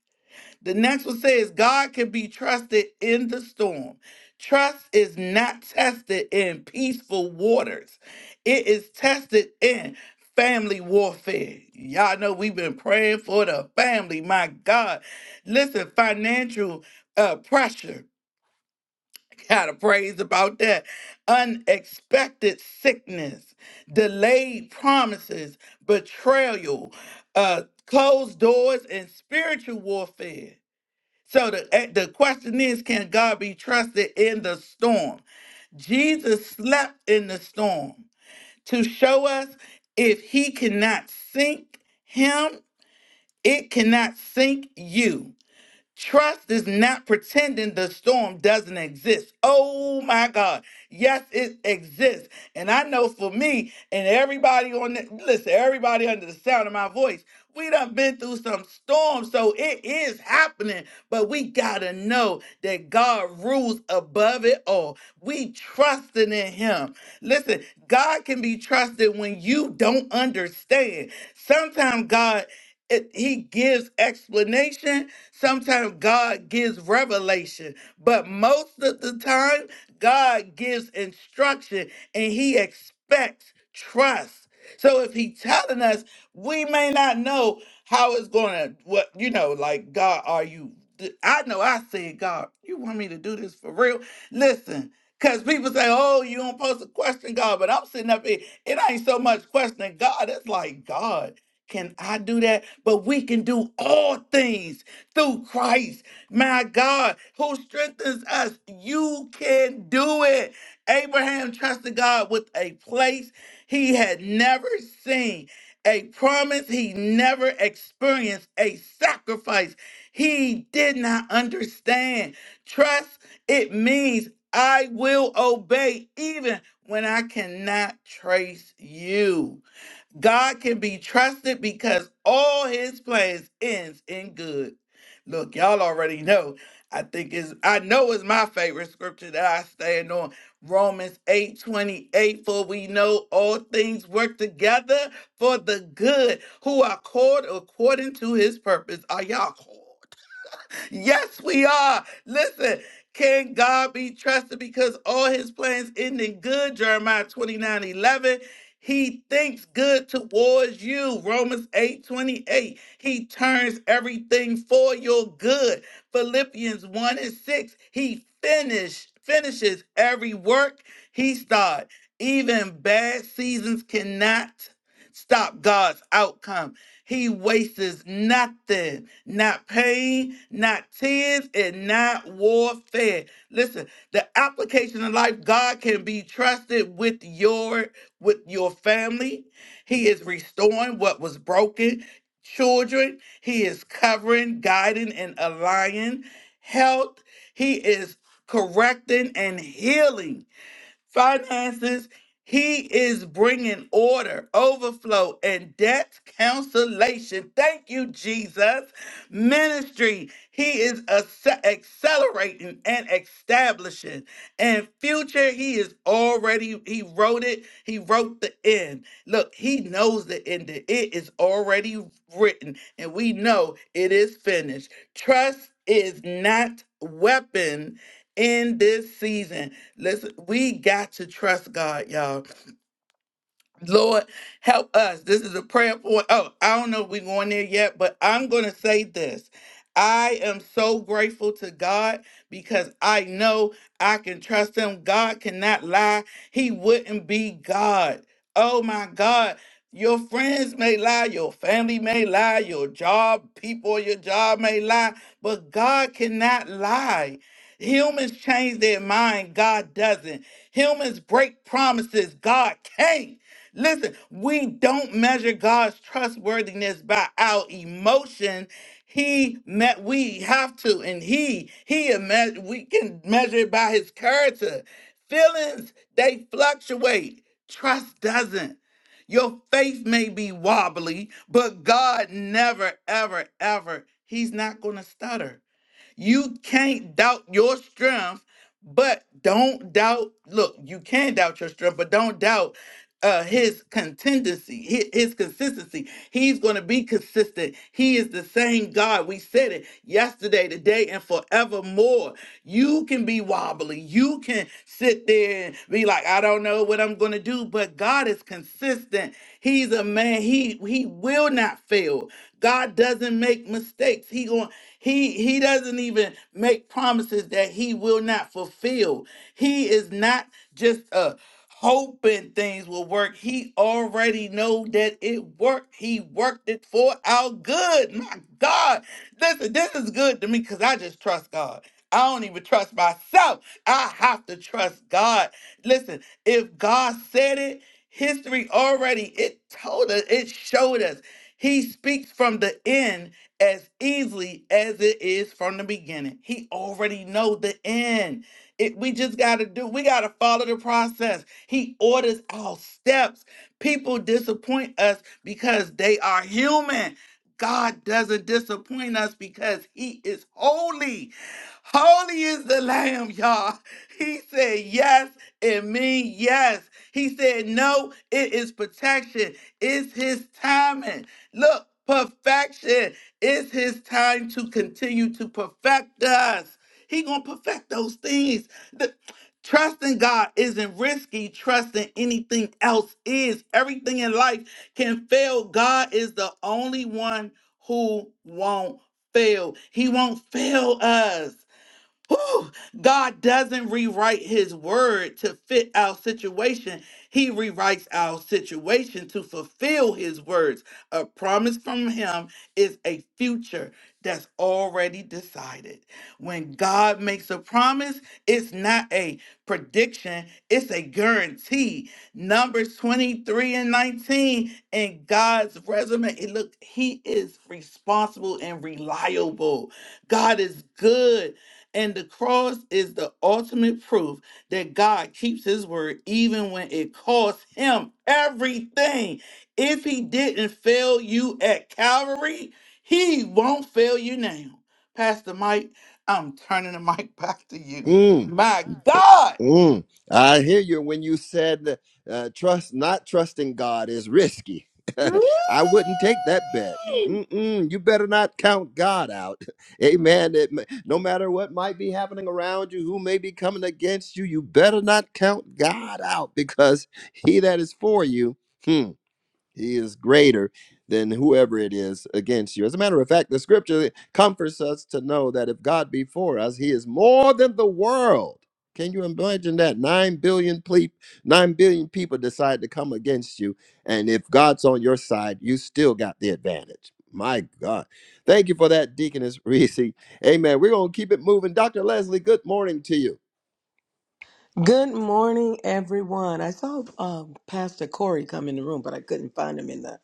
B: The next one says God can be trusted in the storm. Trust is not tested in peaceful waters. It is tested in family warfare. Y'all know we've been praying for the family. My God. Listen, financial uh, pressure. Gotta praise about that. Unexpected sickness, delayed promises, betrayal, uh, closed doors, and spiritual warfare. So the, eh, the question is can God be trusted in the storm? Jesus slept in the storm to show us if he cannot sink him, it cannot sink you. Trust is not pretending the storm doesn't exist. Oh my God. Yes, it exists. And I know for me and everybody on the, listen, everybody under the sound of my voice, we done been through some storms. So it is happening, but we gotta know that God rules above it all. We trusting in him. Listen, God can be trusted when you don't understand. Sometimes God it, he gives explanation. Sometimes God gives revelation, but most of the time, God gives instruction and he expects trust. So if he telling us, we may not know how it's going to, what, you know, like, God, are you, I know I said, God, you want me to do this for real? Listen, because people say, oh, you don't supposed to question God, but I'm sitting up here, it ain't so much questioning God. It's like, God. Can I do that? But we can do all things through Christ, my God, who strengthens us. You can do it. Abraham trusted God with a place he had never seen, a promise he never experienced, a sacrifice he did not understand. Trust, it means I will obey even when I cannot trace you. God can be trusted because all his plans ends in good. Look, y'all already know. I think is I know is my favorite scripture that I stand on. Romans 8 28. For we know all things work together for the good who are called according to his purpose. Are y'all called? Yes, we are. Listen, can God be trusted because all his plans end in good? Jeremiah 29 11. He thinks good towards you. Romans 8 28. He turns everything for your good. Philippians 1 and 6. He finish, finishes every work he started. Even bad seasons cannot stop God's outcome. He wastes nothing, not pain, not tears, and not warfare. Listen, the application of life, God can be trusted with your with your family. He is restoring what was broken. Children, he is covering, guiding, and aligning. Health, he is correcting and healing finances. He is bringing order, overflow, and debt cancellation. Thank you, Jesus. Ministry, he is acce- accelerating and establishing. And future, he is already, he wrote it, he wrote the end. Look, he knows the end. It is already written, and we know it is finished. Trust is not weapon in this season. Listen, we got to trust God, y'all. Lord, help us. This is a prayer point. Oh, I don't know if we're going there yet, but I'm going to say this. I am so grateful to God because I know I can trust Him. God cannot lie, He wouldn't be God. Oh my God. Your friends may lie, your family may lie, your job, people, at your job may lie, but God cannot lie. Humans change their mind, God doesn't. Humans break promises, God can't. Listen, we don't measure God's trustworthiness by our emotion. He met we have to, and he he me- we can measure it by his character. Feelings they fluctuate. Trust doesn't. Your faith may be wobbly, but God never, ever, ever. He's not going to stutter. You can't doubt your strength, but don't doubt. Look, you can doubt your strength, but don't doubt uh his contingency hi- his consistency he's going to be consistent he is the same god we said it yesterday today and forevermore you can be wobbly you can sit there and be like i don't know what i'm going to do but god is consistent he's a man he he will not fail god doesn't make mistakes he going he he doesn't even make promises that he will not fulfill he is not just a hoping things will work. He already know that it worked. He worked it for our good. My God, listen, this is good to me because I just trust God. I don't even trust myself. I have to trust God. Listen, if God said it, history already it told us, it showed us. He speaks from the end as easily as it is from the beginning. He already know the end. It, we just got to do, we got to follow the process. He orders our steps. People disappoint us because they are human. God doesn't disappoint us because he is holy. Holy is the lamb, y'all. He said yes it means yes. He said no, it is protection. It's his timing. Look, perfection. It's his time to continue to perfect us. He gonna perfect those things the- trusting God isn't risky. Trusting anything else is. Everything in life can fail. God is the only one who won't fail. He won't fail us. Whew! God doesn't rewrite his word to fit our situation. He rewrites our situation to fulfill his words. A promise from him is a future that's already decided. When God makes a promise, it's not a prediction, it's a guarantee. Numbers 23 and 19 in God's resume, it look, he is responsible and reliable. God is good and the cross is the ultimate proof that God keeps his word even when it costs him everything. If he didn't fail you at Calvary, he won't fail you now. Pastor Mike, I'm turning the mic back to you.
A: Mm.
B: My God.
A: Mm, I hear you when you said uh, trust not trusting God is risky.
B: Woo!
A: I wouldn't take that bet. Mm-mm, you better not count God out. Amen. It, ma- no matter what might be happening around you, who may be coming against you, you better not count God out because he that is for you. hmm, he is greater than whoever it is against you. As a matter of fact, the scripture comforts us to know that if God be for us, he is more than the world. Can you imagine that? Nine billion, ple- nine billion people decide to come against you. And if God's on your side, you still got the advantage. My God. Thank you for that, Deaconess Reese. Amen. We're going to keep it moving. Dr. Leslie, good morning to you.
D: Good morning, everyone. I saw um, Pastor Corey come in the room, but I couldn't find him in the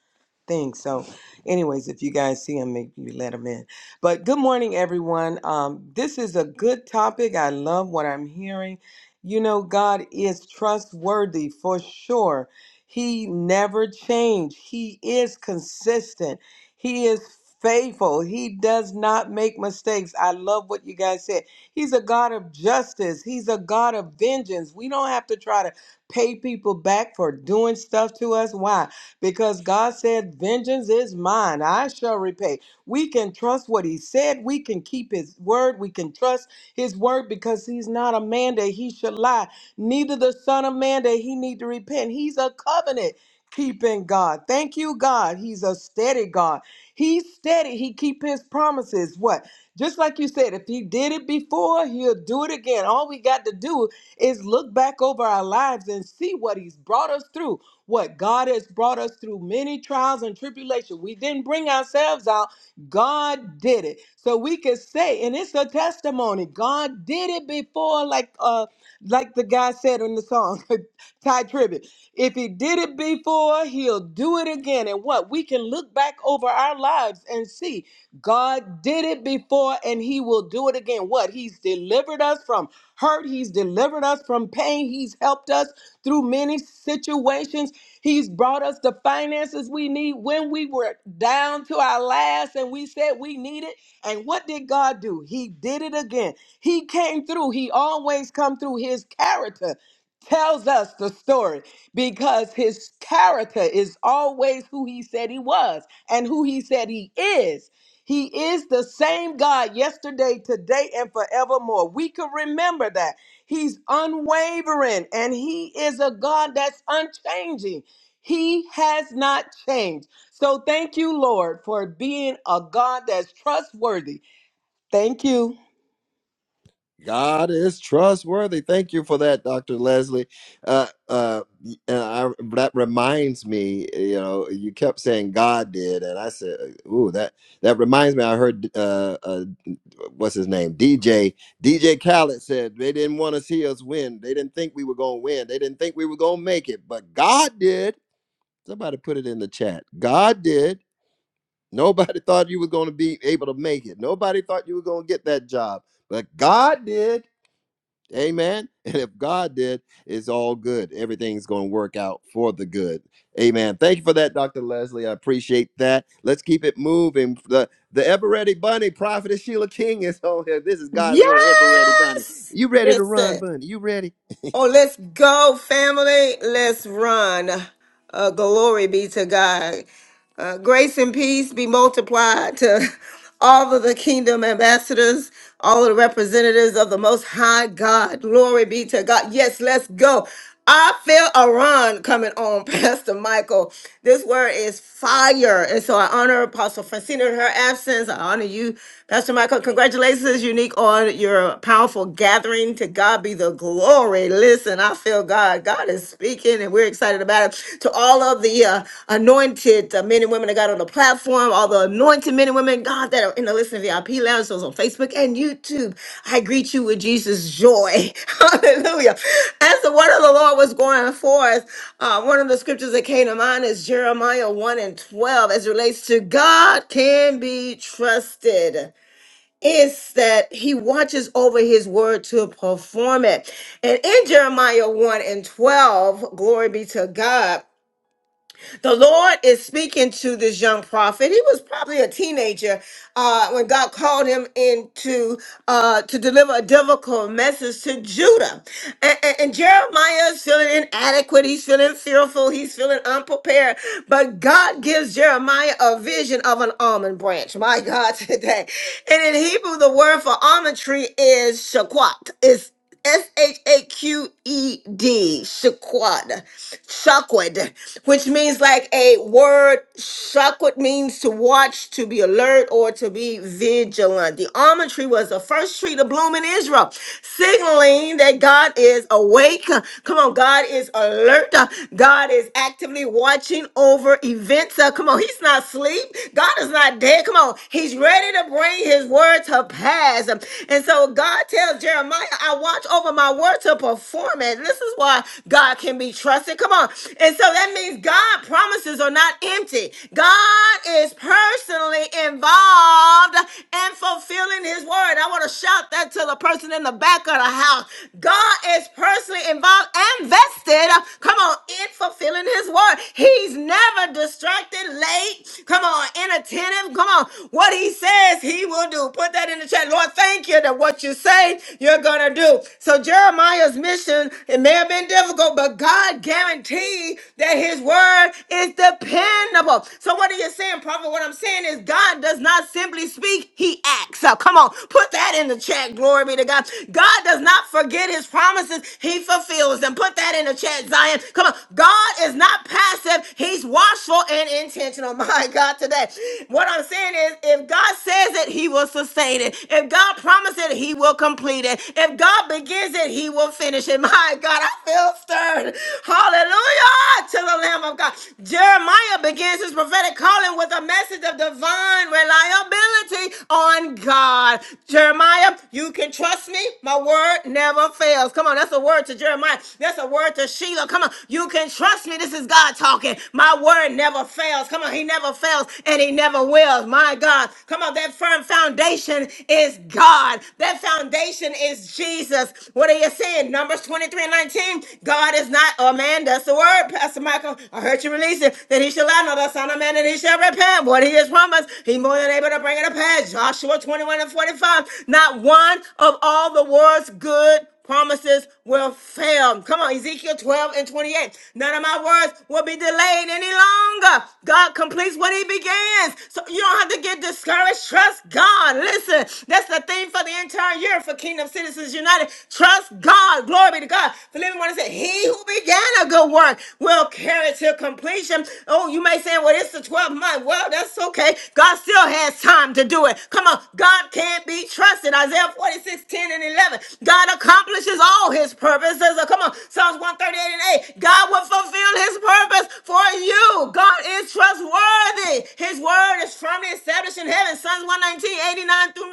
D: thing. So, anyways, if you guys see him, maybe you let him in. But good morning, everyone. Um, this is a good topic. I love what I'm hearing. You know, God is trustworthy for sure. He never changed. He is consistent. He is faithful. He does not make mistakes. I love what you guys said. He's a God of justice. He's a God of vengeance. We don't have to try to pay people back for doing stuff to us. Why? Because God said, Vengeance is mine. I shall repay. We can trust what He said. We can keep His word. We can trust His word because He's not a man that He should lie, neither the Son of Man that He need to repent. He's a covenant. Keeping God. Thank you, God. He's a steady God. He's steady. He keep his promises. What? Just like you said, if he did it before, he'll do it again. All we got to do is look back over our lives and see what he's brought us through. What God has brought us through many trials and tribulation. We didn't bring ourselves out. God did it. So we can say, and it's a testimony. God did it before, like uh, like the guy said in the song, Ty Tribbett. If he did it before, he'll do it again. And what? We can look back over our lives and see. God did it before and he will do it again. What? He's delivered us from hurt. He's delivered us from pain. He's helped us through many situations. He's brought us the finances we need when we were down to our last and we said we need it. And what did God do? He did it again. He came through. He always come through his character tells us the story because his character is always who he said he was and who he said he is he is the same God yesterday, today, and forevermore. We can remember that. He's unwavering and He is a God that's unchanging. He has not changed. So thank you, Lord, for being a God that's trustworthy. Thank you,
A: God is trustworthy. Thank you for that, Dr. Leslie. Uh, uh, and I, that reminds me, you know, you kept saying God did, and I said, uh, "Ooh, that that reminds me." I heard, uh, uh, what's his name, DJ DJ Khaled said they didn't want to see us win. They didn't think we were going to win. They didn't think we were going to make it, but God did. Somebody put it in the chat. God did. Nobody thought you were going to be able to make it. Nobody thought you were going to get that job, but God did Amen. And if God did, it's all good. Everything's going to work out for the good. Amen. Thank you for that, Dr. Leslie. I appreciate that. Let's keep it moving. The, the ever ready bunny, Prophetess Sheila King is on here. This is God's little ever ready bunny.
E: Yes!
A: You ready to run,
E: Listen.
A: bunny? You ready?
E: Oh, let's go, family. Let's run. Uh, glory be to God. Uh, grace and peace be multiplied to all of the kingdom ambassadors, all of the representatives of the Most High God. Glory be to God. Yes, let's go. I feel a run coming on, Pastor Michael. This word is fire. And so I honor Apostle Francina in her absence. I honor you, Pastor Michael, congratulations, Unique, on your powerful gathering. To God be the glory. Listen, I feel God. God is speaking, and we're excited about it. To all of the uh, anointed uh, men and women that got on the platform, all the anointed men and women, God, that are in the Listening VIP Lounge, those on Facebook and YouTube, I greet you with Jesus' joy. Hallelujah. As the word of the Lord was going forth, uh, one of the scriptures that came to mind is Jeremiah 1 and 12 as it relates to God can be trusted is that he watches over his word to perform it. And in Jeremiah 1 and 12, glory be to God, the Lord is speaking to this young prophet. He was probably a teenager uh, when God called him into uh, to deliver a difficult message to Judah. And, and, and Jeremiah is feeling inadequate. He's feeling fearful. He's feeling unprepared. But God gives Jeremiah a vision of an almond branch. My God, today. And in Hebrew, the word for almond tree is shaquat. It's S H A Q E D, shaquat shakwed, which means like a word. Shakwed means to watch, to be alert, or to be vigilant. The almond tree was the first tree to bloom in Israel, signaling that God is awake. Come on, God is alert. God is actively watching over events. Uh, Come on, He's not asleep. God is not dead. Come on, He's ready to bring His word to pass. And so God tells Jeremiah, I watch over my word to to perform it. This is why God can be trusted. Come on. And so that means God promises are not empty. God is personally involved in fulfilling his word. I want to shout that to the person in the back of the house. God is personally involved and vested. Come on, in fulfilling his word. He's never distracted, late. Come on, inattentive. Come on. What he says, he will do. Put that in the chat. Lord, thank you that what you say you're gonna do. So Jeremiah's mission, it may have been difficult, but God guaranteed that his word is dependable. So what are you saying, prophet? What I'm saying is God does not simply speak, he acts. So come on, put that in the chat. Glory be to God. God does not forget his promises, he fulfills them. Put that in the chat, Zion. Come on. God is not passive, he's watchful and intentional. My God, today. What I'm saying is if if God says it, he will sustain it. If God promises it, he will complete it. If God begins it, he will finish it. My God, I feel stirred. Hallelujah to the Lamb of God. Jeremiah begins his prophetic calling with a message of divine reliability on God. Jeremiah, you can trust me. My word never fails. Come on, that's a word to Jeremiah. That's a word to Sheila. Come on, you can trust me. This is God talking. My word never fails fails. Come on, he never fails and he never will. My God. Come on, that firm foundation is God. That foundation is Jesus. What are you saying? Numbers 23 and 19. God is not a man. That's the word, Pastor Michael. I heard you release it. That he shall not know the son of man and he shall repent. What he has promised, he more than able to bring it to pass. Joshua 21 and 45. Not one of all the world's good promises will fail. Come on, Ezekiel 12 and 28. None of my words will be delayed any longer. God completes what he begins. So you don't have to get discouraged. Trust God. Listen, that's the theme for the entire year for Kingdom Citizens United. Trust God. Glory be to God. Philippians 1 said, He who began a good work will carry it to completion. Oh, you may say, Well, it's the 12th month. Well, that's okay. God still has time to do it. Come on. God can't be trusted. Isaiah Isaiah 46, ten and 11. God accomplishes all his purposes. Oh, come on, Psalms 138 and 8. God will fulfill his purpose for you. God is trustworthy. His word is firmly established in heaven. Psalms one nineteen, eighty-nine through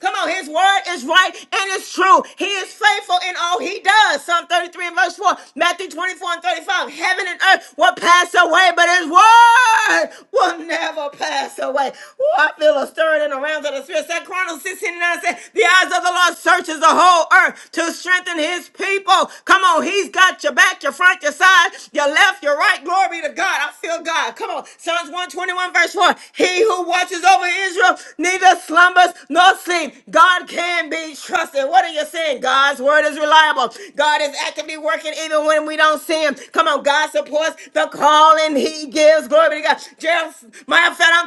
E: 90. Come on, his word is right and it's true. He is faithful in all he does. Psalm 33 and verse 4. Matthew 24 and 35. Heaven and earth will pass away, but his word word will never pass away. Oh, I feel a stirring in the realms of the spirit. Second Chronicles 16 9 says, The eyes of the Lord searches the whole earth to strengthen his people. Come on, he's got your back, your front, your side, your left, your right. Glory be to God. I feel God. Come on. Psalms 121, verse 4. He who watches over Israel neither slumbers nor sleep. God can be trusted. What are you saying? God's word is reliable. God is actively working even when we don't see him. Come on, God supports the calling he he gives. Glory be to God. Just, matter of fact, i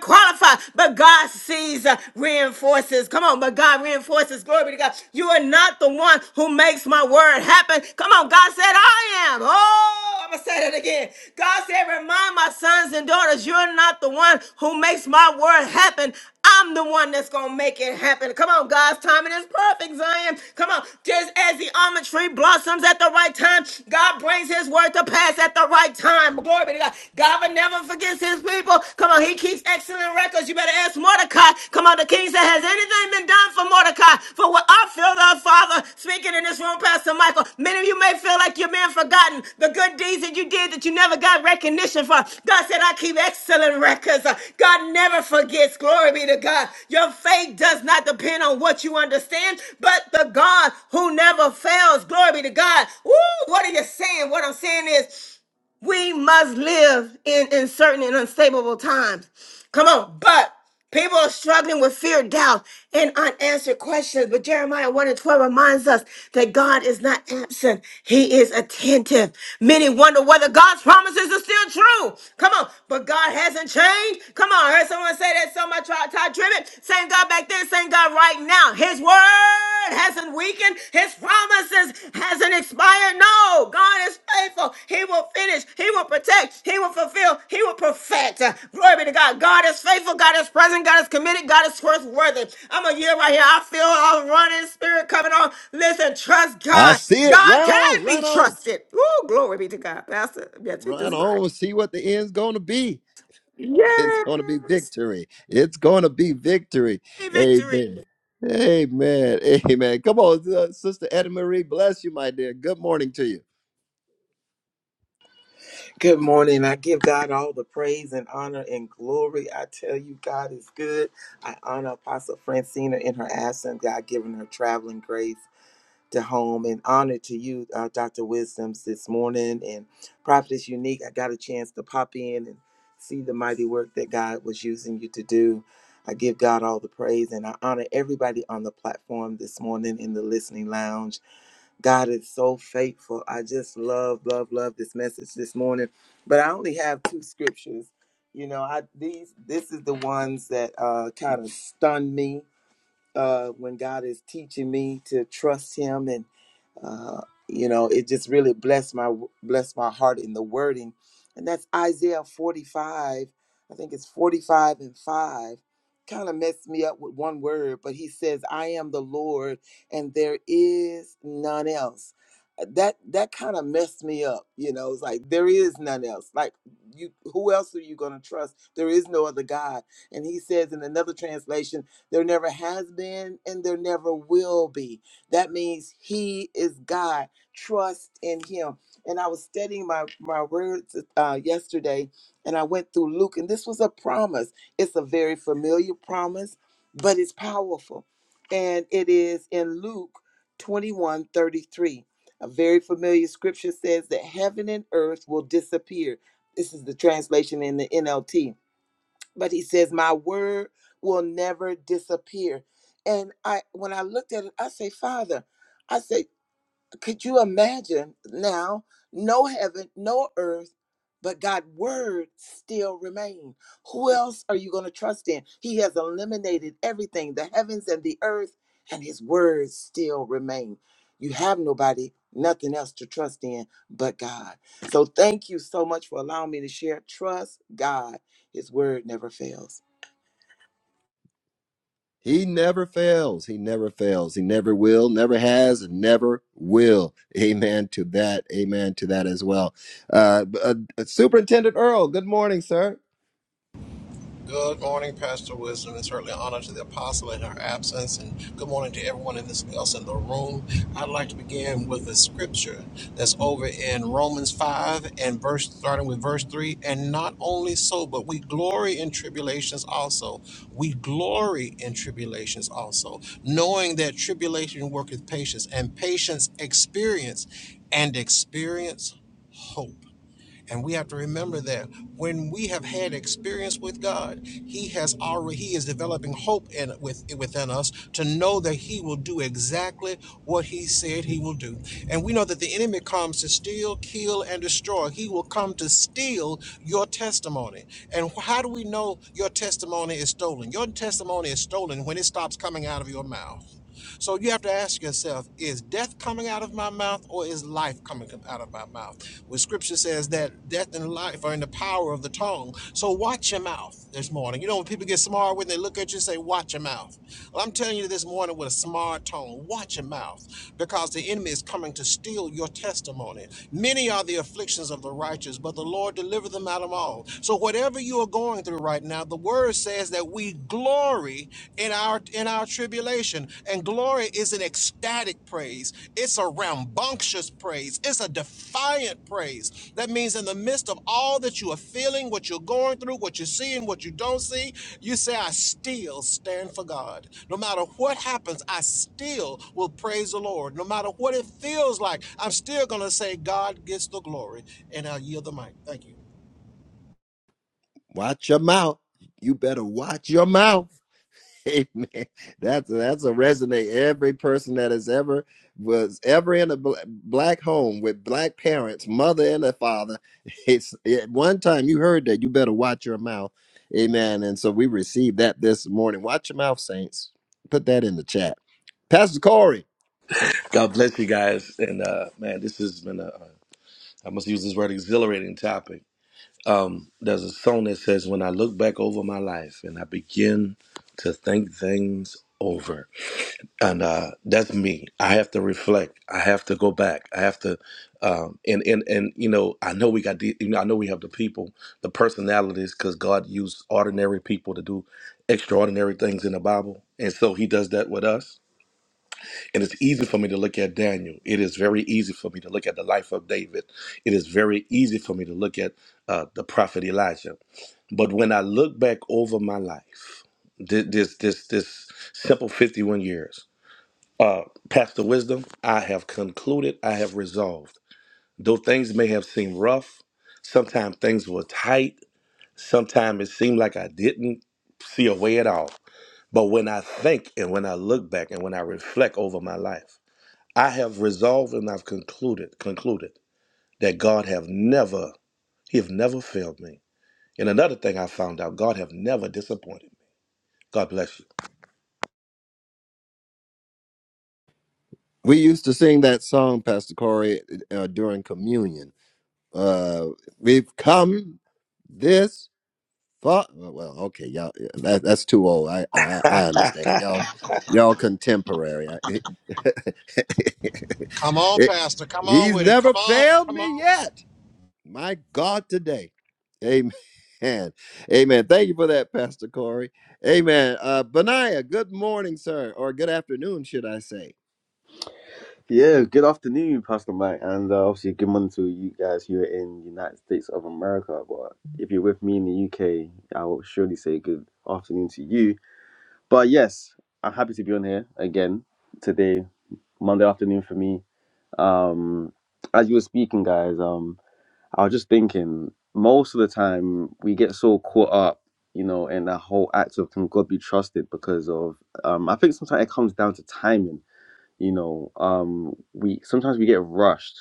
E: but God sees, uh, reinforces. Come on, but God reinforces. Glory be to God. You are not the one who makes my word happen. Come on, God said, I am. Oh, I'm going to say that again. God said, remind my sons and daughters, you're not the one who makes my word happen. I'm the one that's gonna make it happen. Come on, God's timing is perfect, Zion. Come on, just as the almond tree blossoms at the right time, God brings His word to pass at the right time. Glory be to God. God will never forgets his people. Come on, he keeps excellent records. You better ask Mordecai. Come on, the king said, Has anything been done for Mordecai? For what I feel the Father speaking in this room, Pastor Michael. Many of you may feel like you're being forgotten. The good deeds that you did that you never got recognition for. God said, I keep excellent records. Uh, God never forgets. Glory be to God. Your faith does not depend on what you understand, but the God who never fails. Glory be to God. Woo! What are you saying? What I'm saying is, we must live in uncertain and unstable times. Come on. But people are struggling with fear, doubt, and unanswered questions. But Jeremiah 1 and 12 reminds us that God is not absent, He is attentive. Many wonder whether God's promises are still true. Come on. But God hasn't changed. Come on. I heard someone say that so much. Todd Tribbett, same God back then, same God right now his word hasn't weakened. His promises hasn't expired. No, God is faithful. He will finish. He will protect. He will fulfill. He will perfect. Uh, Glory be to God. God is faithful. God is present. God is committed. God is trustworthy. I'm a year right here. I feel a running spirit coming on. Listen, trust
A: I
E: God.
A: see it.
E: God
A: Run
E: can
A: on,
E: be
A: run on.
E: trusted. Ooh, glory be to God. Pastor, yeah, take
A: run
E: this mic.
A: on and see what the end's going to be. It's going to be
E: Yes,
A: victory. It's going to be victory. Amen.
E: victory.
A: Amen. Amen. Come on, uh, Sister Edna Marie, bless you, my dear. Good morning to you.
F: Good morning. I give God all the praise and honor and glory. I tell you, God is good. I honor Apostle Francina in her absence, God giving her traveling grace to home, and honor to you, uh, Dr. Wisdoms, this morning. And Prophetess Unique, I got a chance to pop in and see the mighty work that God was using you to do. I give God all the praise and I honor everybody on the platform this morning in the listening lounge. God is so faithful. I just love, love, love this message this morning. But I only have two scriptures. You know, I these this is the ones that uh kind of stunned me uh when God is teaching me to trust him and uh, you know it just really blessed my blessed my heart in the wording and that's isaiah 45 i think it's 45 and 5 kind of messed me up with one word but he says i am the lord and there is none else Uh, that that kind of messed me up you know it's like there is none else like you who else are you going to trust there is no other god and he says in another translation there never has been and there never will be that means He is God. Trust in Him. And I was studying my, my words uh, yesterday and I went through Luke, and this was a promise. It's a very familiar promise, but it's powerful. And it is in Luke 21 33. A very familiar scripture says that heaven and earth will disappear. This is the translation in the NLT but he says my word will never disappear and i when i looked at it i say father i say could you imagine now? No heaven, no earth, but God's word still remain. Who else are you going to trust in? He has eliminated everything, the heavens and the earth, and his words still remain. You have nobody, nothing else to trust in but God. So thank you so much for allowing me to share. Trust God. His word never fails.
A: He never fails. He never fails. He never will, never has, and never will. Amen to that. Amen to that as well. Uh, b- uh, Superintendent Earl, good morning, sir.
G: Good morning, Pastor Wisdom. It's certainly an honor to the apostle in her absence, and good morning to everyone in this, else in the room. I'd like to begin with a scripture that's over in Romans 5 and verse starting with verse 3. And not only so, but we glory in tribulations also. We glory in tribulations also, knowing that tribulation worketh patience, and patience experience, and experience hope. And we have to remember that when we have had experience with God, He has already He is developing hope in with within us to know that He will do exactly what He said He will do. And we know that the enemy comes to steal, kill, and destroy. He will come to steal your testimony. And how do we know your testimony is stolen? Your testimony is stolen when it stops coming out of your mouth. So you have to ask yourself, is death coming out of my mouth or is life coming out of my mouth? Well, scripture says that death and life are in the power of the tongue. So watch your mouth this morning. You know, when people get smart, when they look at you, and say, watch your mouth. Well, I'm telling you this morning with a smart tone, watch your mouth because the enemy is coming to steal your testimony. Many are the afflictions of the righteous, but the Lord delivered them out of all. So whatever you are going through right now, the word says that we glory in our in our tribulation and glory is an ecstatic praise it's a rambunctious praise it's a defiant praise that means in the midst of all that you are feeling what you're going through what you're seeing what you don't see you say i still stand for god no matter what happens i still will praise the lord no matter what it feels like i'm still going to say god gets the glory and i yield the mic thank you
A: Watch your mouth. You better watch your mouth. Amen. That's that's a resonate. Every person that has ever was ever in a bl- black home with black parents, mother and a father, it's at one time you heard that you better watch your mouth. Amen. And so we received that this morning. Watch your mouth, saints. Put that in the chat. Pastor Corey,
H: God bless you guys. And uh, man, this has been a, I must use this word, exhilarating topic. Um, there's a song that says, When I look back over my life and I begin to think things over. And uh, that's me. I have to reflect. I have to go back. I have to, um, and, and, and, you know, I know we got the, you know, I know we have the people, the personalities, because God used ordinary people to do extraordinary things in the Bible. And so he does that with us and it's easy for me to look at Daniel. It is very easy for me to look at the life of David. It is very easy for me to look at uh, the prophet Elijah. But when I look back over my life, thi- this this this simple 51 years, uh, Pastor Wisdom, I have concluded, I have resolved. Though things may have seemed rough, sometimes things were tight, sometimes it seemed like I didn't see a way at all. But when I think and when I look back and when I reflect over my life, I have resolved and I've concluded concluded that God have never He have never failed me. And another thing I found out, God have never disappointed me. God bless you.
A: we used to sing that song, Pastor Corey, uh, during communion. Uh, we've come this Fuck. uh, Well, okay, y'all. yeah, That, that's too old. I, I I understand it. Y'all, y'all contemporary. I,
G: come on
A: it-
G: pastor come on
A: he's
G: with it come
A: never
G: on
A: failed
G: Come on.
A: me yet. My God, today. Amen. Amen. Thank you for that, Pastor Corey. Amen. Uh, Benaiah, good morning, sir, or good afternoon, should I say?
I: Yeah, good afternoon, Pastor Mike, and uh, obviously good morning to you guys who are in the United States of America. But if you're with me in the UK, I will surely say good afternoon to you. But yes, I'm happy to be on here again today, Monday afternoon for me. Um, as you were speaking, guys, um, I was just thinking most of the time we get so caught up, you know, in that whole act of can God be trusted because of um, I think sometimes it comes down to timing you know, um, we sometimes we get rushed,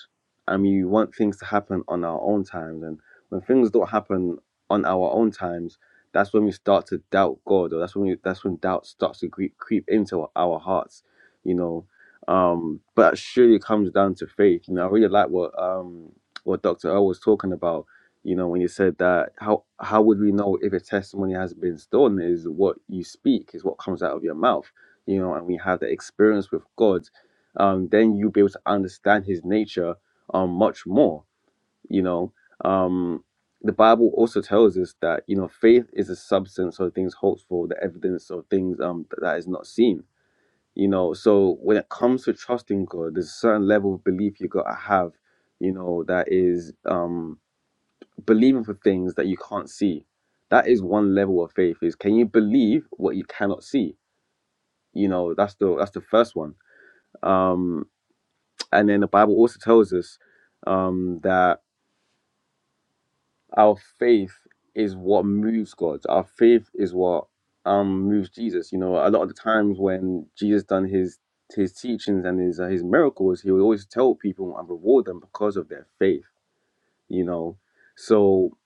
I: and we want things to happen on our own times. And when things don't happen on our own times, that's when we start to doubt God, or that's when we, that's when doubt starts to creep, creep into our hearts. You know, um, but it surely comes down to faith. You know, I really like what um, what Doctor Earl was talking about you know when you said that how how would we know if a testimony has been stolen is what you speak is what comes out of your mouth you know, and we have the experience with God, um, then you'll be able to understand His nature um, much more. You know, um, the Bible also tells us that you know faith is the substance of things hoped for, the evidence of things um, that is not seen. You know, so when it comes to trusting God, there's a certain level of belief you gotta have. You know, that is um, believing for things that you can't see. That is one level of faith. Is can you believe what you cannot see? You know, that's the that's the first one um, and then the Bible also tells us um, that our faith is what moves God. Our faith is what um, moves Jesus. You know, a lot of the times when Jesus done his his teachings and his uh, his miracles, he would always tell people and reward them because of their faith. You know, so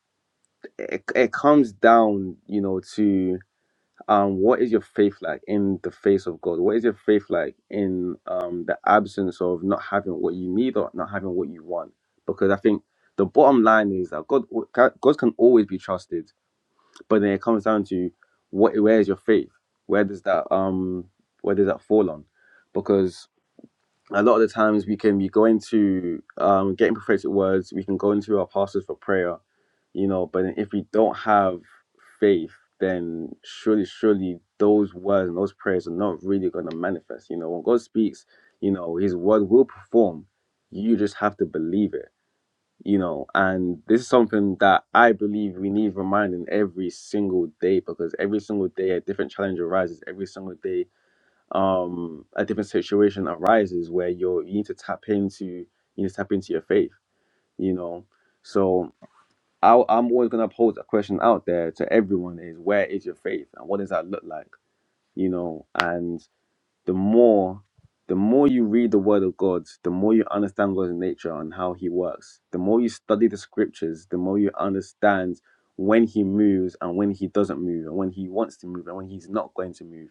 I: it, it comes down, you know, to um, what is your faith like in the face of God? What is your faith like in um, the absence of not having what you need or not having what you want? Because I think the bottom line is that God, God can always be trusted, but then it comes down to what, where is your faith? Where does that um, where does that fall on? Because a lot of the times we can be going to um, getting prophetic words, we can go into our pastors for prayer, you know, but if we don't have faith, then surely, surely those words and those prayers are not really going to manifest. You know, when God speaks, you know, his word will perform. You just have to believe it, you know, and this is something that I believe we need reminding every single day because every single day a different challenge arises. Every single day um a different situation arises where you're you need to tap into you need to tap into your faith you know so I, i'm always going to pose a question out there to everyone is where is your faith and what does that look like you know and the more the more you read the word of god the more you understand god's nature and how he works the more you study the scriptures the more you understand when he moves and when he doesn't move and when he wants to move and when he's not going to move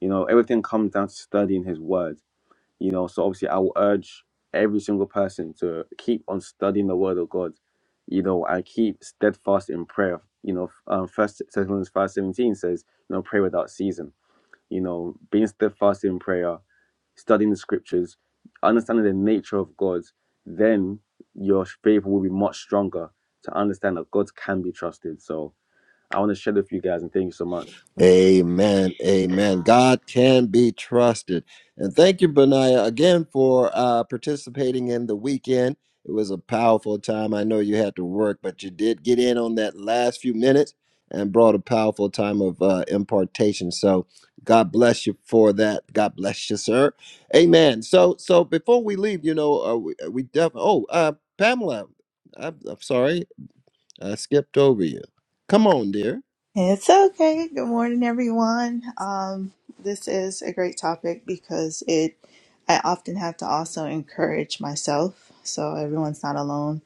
I: you know everything comes down to studying his word you know, so obviously I will urge every single person to keep on studying the word of God. You know, and keep steadfast in prayer. You know, um, First Thessalonians five seventeen says, you know, pray without season. You know, being steadfast in prayer, studying the scriptures, understanding the nature of God, then your faith will be much stronger to understand that God can be trusted. So I want to share with you guys and thank you so much.
A: Amen. Amen. God can be trusted. And thank you, Benaiah, again for uh, participating in the weekend. It was a powerful time. I know you had to work, but you did get in on that last few minutes and brought a powerful time of uh, impartation. So God bless you for that. God bless you, sir. Amen. So, so before we leave, you know, uh, we, we definitely. Oh, uh, Pamela, I'm, I'm sorry, I skipped over you. Come on, dear.
J: It's okay. Good morning, everyone. Um, this is a great topic because it I often have to also encourage myself so everyone's not alone.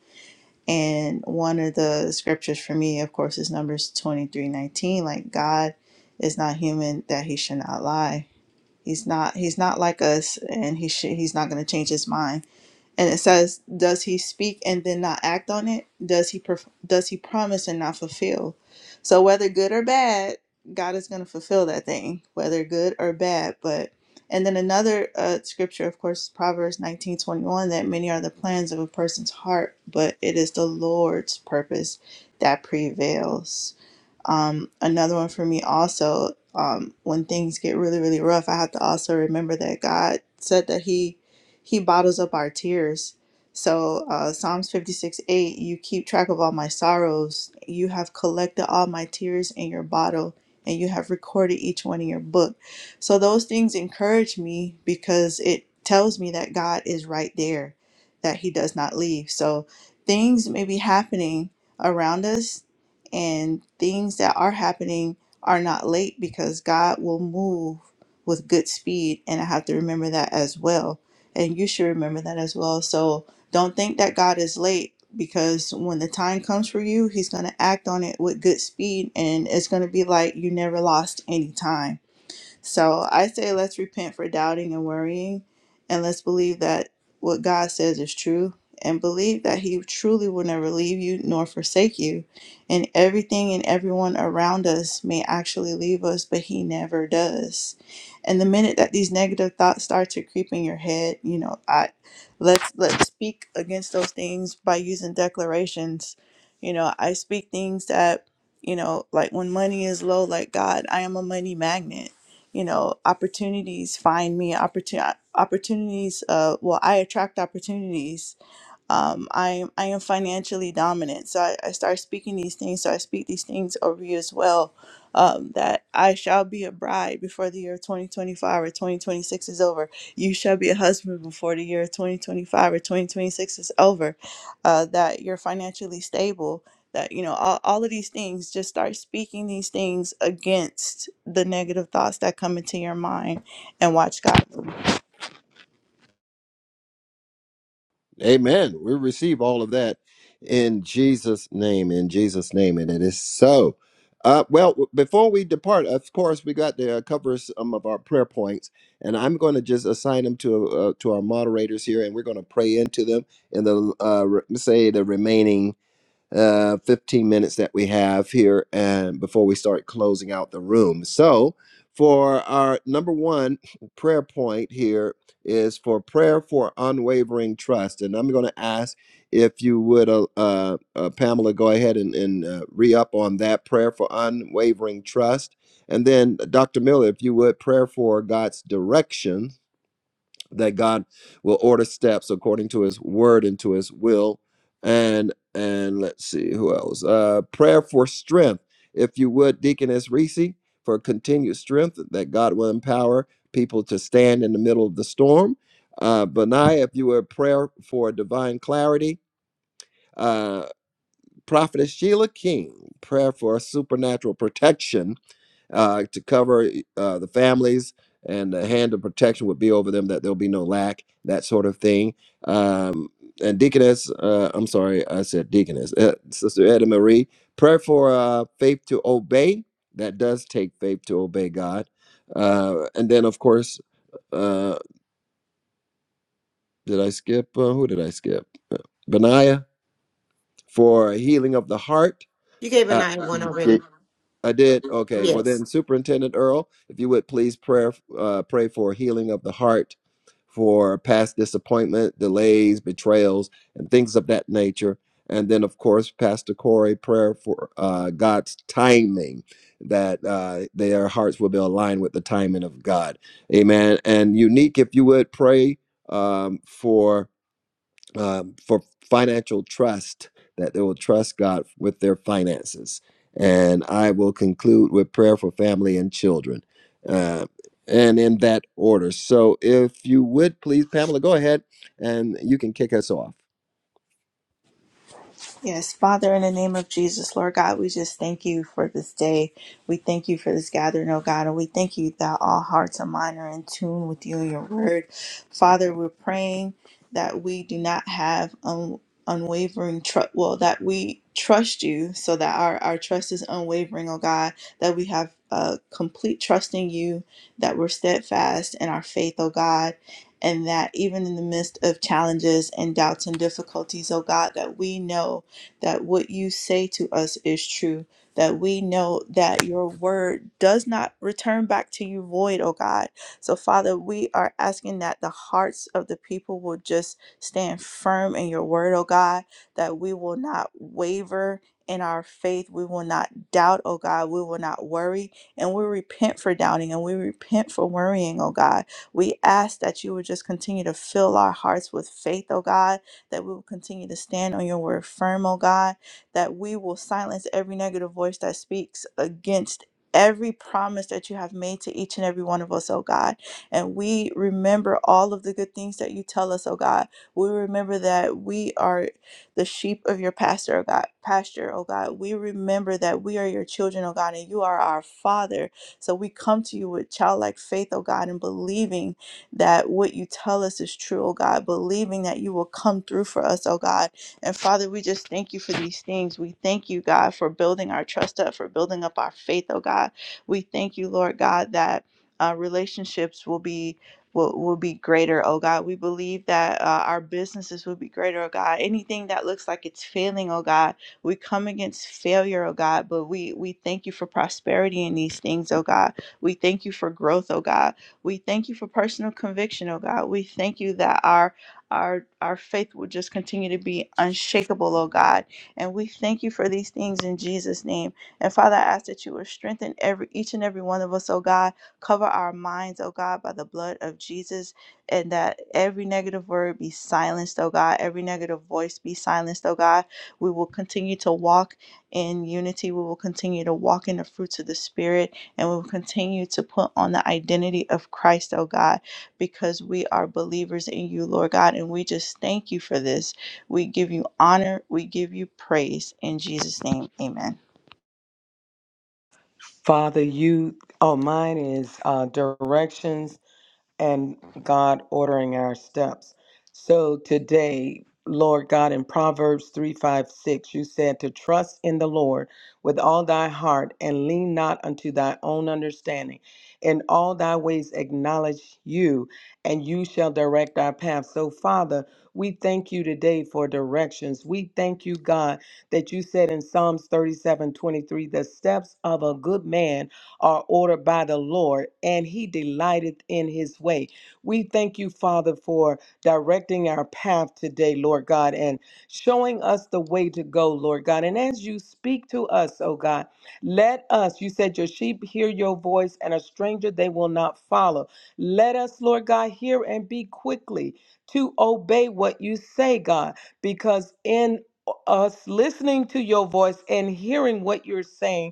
J: And one of the scriptures for me, of course, is Numbers twenty three nineteen. Like God is not human that he should not lie. He's not he's not like us and he should he's not gonna change his mind and it says does he speak and then not act on it does he perf- does he promise and not fulfill so whether good or bad god is going to fulfill that thing whether good or bad but and then another uh, scripture of course is proverbs 19 21: that many are the plans of a person's heart but it is the lord's purpose that prevails um, another one for me also, um, when things get really, really rough, I have to also remember that God said that He He bottles up our tears. So uh, Psalms 56, 8, you keep track of all my sorrows. You have collected all my tears in your bottle and you have recorded each one in your book. So those things encourage me because it tells me that God is right there, that He does not leave. So things may be happening around us and things that are happening are not late because God will move with good speed and I have to remember that as well and you should remember that as well so don't think that God is late because when the time comes for you he's going to act on it with good speed and it's going to be like you never lost any time so I say let's repent for doubting and worrying, and let's believe that what God says is true, and believe that He truly will never leave you nor forsake you. And everything and everyone around us may actually leave us, but He never does. And the minute that these negative thoughts start to creep in your head, you know, I let's let's speak against those things by using declarations. You know, I speak things that you know, like when money is low, like God, I am a money magnet you know opportunities find me opportun- opportunities uh well i attract opportunities um, I, I am financially dominant. So I, I start speaking these things. So I speak these things over you as well um, that I shall be a bride before the year 2025 or 2026 is over. You shall be a husband before the year 2025 or 2026 is over. Uh, that you're financially stable. That, you know, all, all of these things, just start speaking these things against the negative thoughts that come into your mind and watch God.
A: Amen. We receive all of that in Jesus' name, in Jesus' name. And it is so. Uh, well, w- before we depart, of course, we got to uh, cover some of our prayer points, and I'm going to just assign them to uh, to our moderators here, and we're going to pray into them in the uh, re- say the remaining uh, 15 minutes that we have here and before we start closing out the room. So, for our number one prayer point here is for prayer for unwavering trust. And I'm going to ask if you would, uh, uh, uh, Pamela, go ahead and, and uh, re up on that prayer for unwavering trust. And then, Dr. Miller, if you would, prayer for God's direction that God will order steps according to his word and to his will. And and let's see who else. Uh prayer for strength. If you would, Deaconess Reese, for continued strength that God will empower people to stand in the middle of the storm. Uh Benai, if you would prayer for divine clarity. Uh Prophetess Sheila King, prayer for supernatural protection uh, to cover uh, the families, and the hand of protection would be over them, that there'll be no lack, that sort of thing. Um, and Deaconess, uh, I'm sorry, I said Deaconess, uh, Sister Edna Marie, prayer for uh, faith to obey. That does take faith to obey God. Uh, and then, of course, uh, did I skip? Uh, who did I skip? Benaiah for healing of the heart.
E: You gave a
A: uh,
E: nine one
I: Ye-
E: already.
A: I did. Okay. Well,
E: Yes.
A: then, Superintendent Earl, if you would please pray, uh, pray for healing of the heart, for past disappointment, delays, betrayals, and things of that nature. And then, of course, Pastor Corey, prayer for uh, God's timing, that uh, their hearts will be aligned with the timing of God. Amen. And unique, if you would pray um, for um, for financial trust that they will trust God with their finances. And I will conclude with prayer for family and children, uh, and in that order. So, if you would please, Pamela, go ahead and you can kick us off.
J: Yes, Father, in the name of Jesus, Lord God, we just thank you for this day. We thank you for this gathering, oh God, and we thank you that all hearts and minds are in tune with you and your word. Father, we're praying that we do not have un- unwavering trust, well, that we trust you so that our, our trust is unwavering, oh God, that we have uh, complete trust in you, that we're steadfast in our faith, oh God. And that even in the midst of challenges and doubts and difficulties, oh God, that we know that what you say to us is true, that we know that your word does not return back to you void, oh God. So, Father, we are asking that the hearts of the people will just stand firm in your word, oh God, that we will not waver. In our faith, we will not doubt, oh God. We will not worry. And we repent for doubting and we repent for worrying, oh God. We ask that you would just continue to fill our hearts with faith, oh God that we will continue to stand on your word firm, oh God, that we will silence every negative voice that speaks against every promise that you have made to each and every one of us, oh God. And we remember all of the good things that you tell us, oh God. We remember that we are the sheep of your pastor, oh God, pasture, oh God. We remember that we are your children, oh God, and you are our father. So we come to you with childlike faith, oh God, and believing that what you tell us is true, oh God, believing that you will come through for us, oh God. And Father, we just thank you for these things. We thank you, God, for building our trust up, for building up our faith, oh God. We thank you, Lord God, that uh, relationships will be. Will, will be greater, oh God. We believe that uh, our businesses will be greater, oh God. Anything that looks like it's failing, oh God, we come against failure, oh God, but we we thank you for prosperity in these things, oh God. We thank you for growth, oh God. We thank you for personal conviction, oh God. We thank you that our our our faith will just continue to be unshakable, oh God. And we thank you for these things in Jesus' name. And Father, I ask that you would strengthen every each and every one of us, oh God. Cover our minds, oh God, by the blood of Jesus, and that every negative word be silenced, oh God. Every negative voice be silenced, oh God. We will continue to walk in unity. We will continue to walk in the fruits of the Spirit and we will continue to put on the identity of Christ, oh God, because we are believers in you, Lord God, and we just thank you for this. We give you honor, we give you praise. In Jesus' name, amen.
D: Father. You, oh, mine is uh, directions and God ordering our steps. So today, Lord God, in Proverbs 3 5 6, you said to trust in the Lord with all thy heart and lean not unto thy own understanding. In all thy ways acknowledge you, and you shall direct our path. So, Father, we thank you today for directions. We thank you, God, that you said in Psalms 37 23, the steps of a good man are ordered by the Lord, and he delighteth in his way. We thank you, Father, for directing our path today, Lord God, and showing us the way to go, Lord God. And as you speak to us, oh God, let us, you said, your sheep hear your voice, and a stranger they will not follow. Let us, Lord God, hear and be quickly to obey what you say, God, because in us listening to your voice and hearing what you're saying,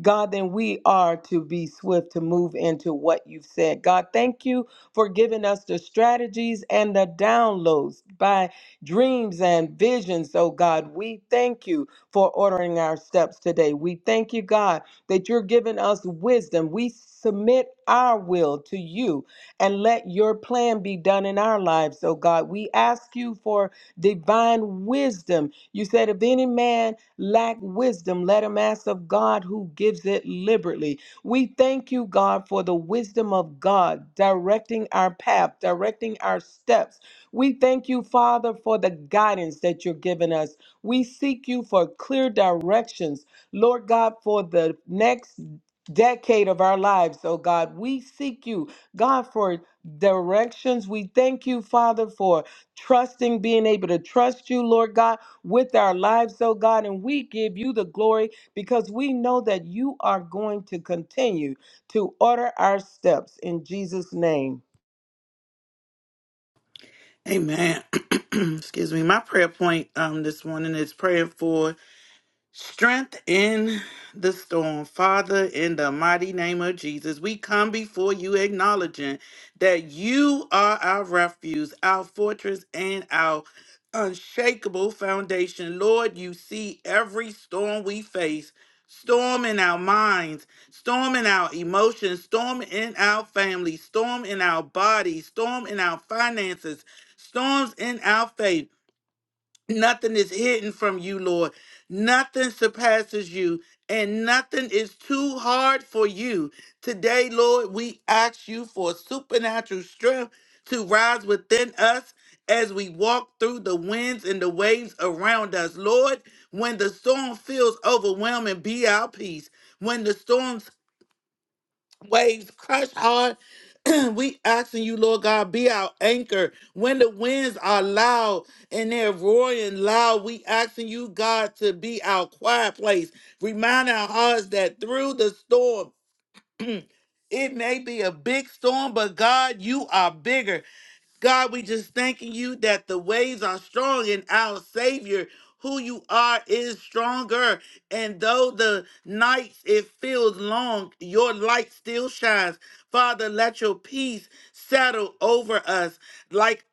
D: God, then we are to be swift to move into what you've said. God, thank you for giving us the strategies and the downloads by dreams and visions, oh God. We thank you for ordering our steps today. We thank you, God, that you're giving us wisdom. We submit our will to you and let your plan be done in our lives, oh God. We ask you for divine wisdom. You said, if any man lack wisdom, let him ask of God who gives it liberally. We thank you, God, for the wisdom of God directing our path, directing our steps. We thank you, Father, for the guidance that you're giving us. We seek you for clear directions, Lord God, for the next decade of our lives, oh God. We seek you, God, for directions. We thank you, Father, for trusting, being able to trust you, Lord God with our lives, oh God, and we give you the glory because we know that you are going to continue to order our steps in Jesus' name.
B: Amen. Excuse me. My prayer point um this morning is prayer for Strength in the storm. Father, in the mighty name of Jesus, we come before you acknowledging that you are our refuge, our fortress, and our unshakable foundation. Lord, you see every storm we face. Storm in our minds, storm in our emotions, storm in our family, storm in our bodies, storm in our finances, storms in our faith. Nothing is hidden from you, Lord. Nothing surpasses you, and nothing is too hard for you. Today, Lord, we ask you for supernatural strength to rise within us as we walk through the winds and the waves around us. Lord, when the storm feels overwhelming, be our peace. When the storm waves crush hard. we asking you, Lord God, be our anchor when the winds are loud and they're roaring loud. We asking you, God, to be our quiet place. Remind our hearts that through the storm, it may be a big storm, but God, you are bigger. God, we just thanking you that the waves are strong and our Savior, who you are, is stronger. And though the nights it feels long, your light still shines. Father, let your peace settle over us. like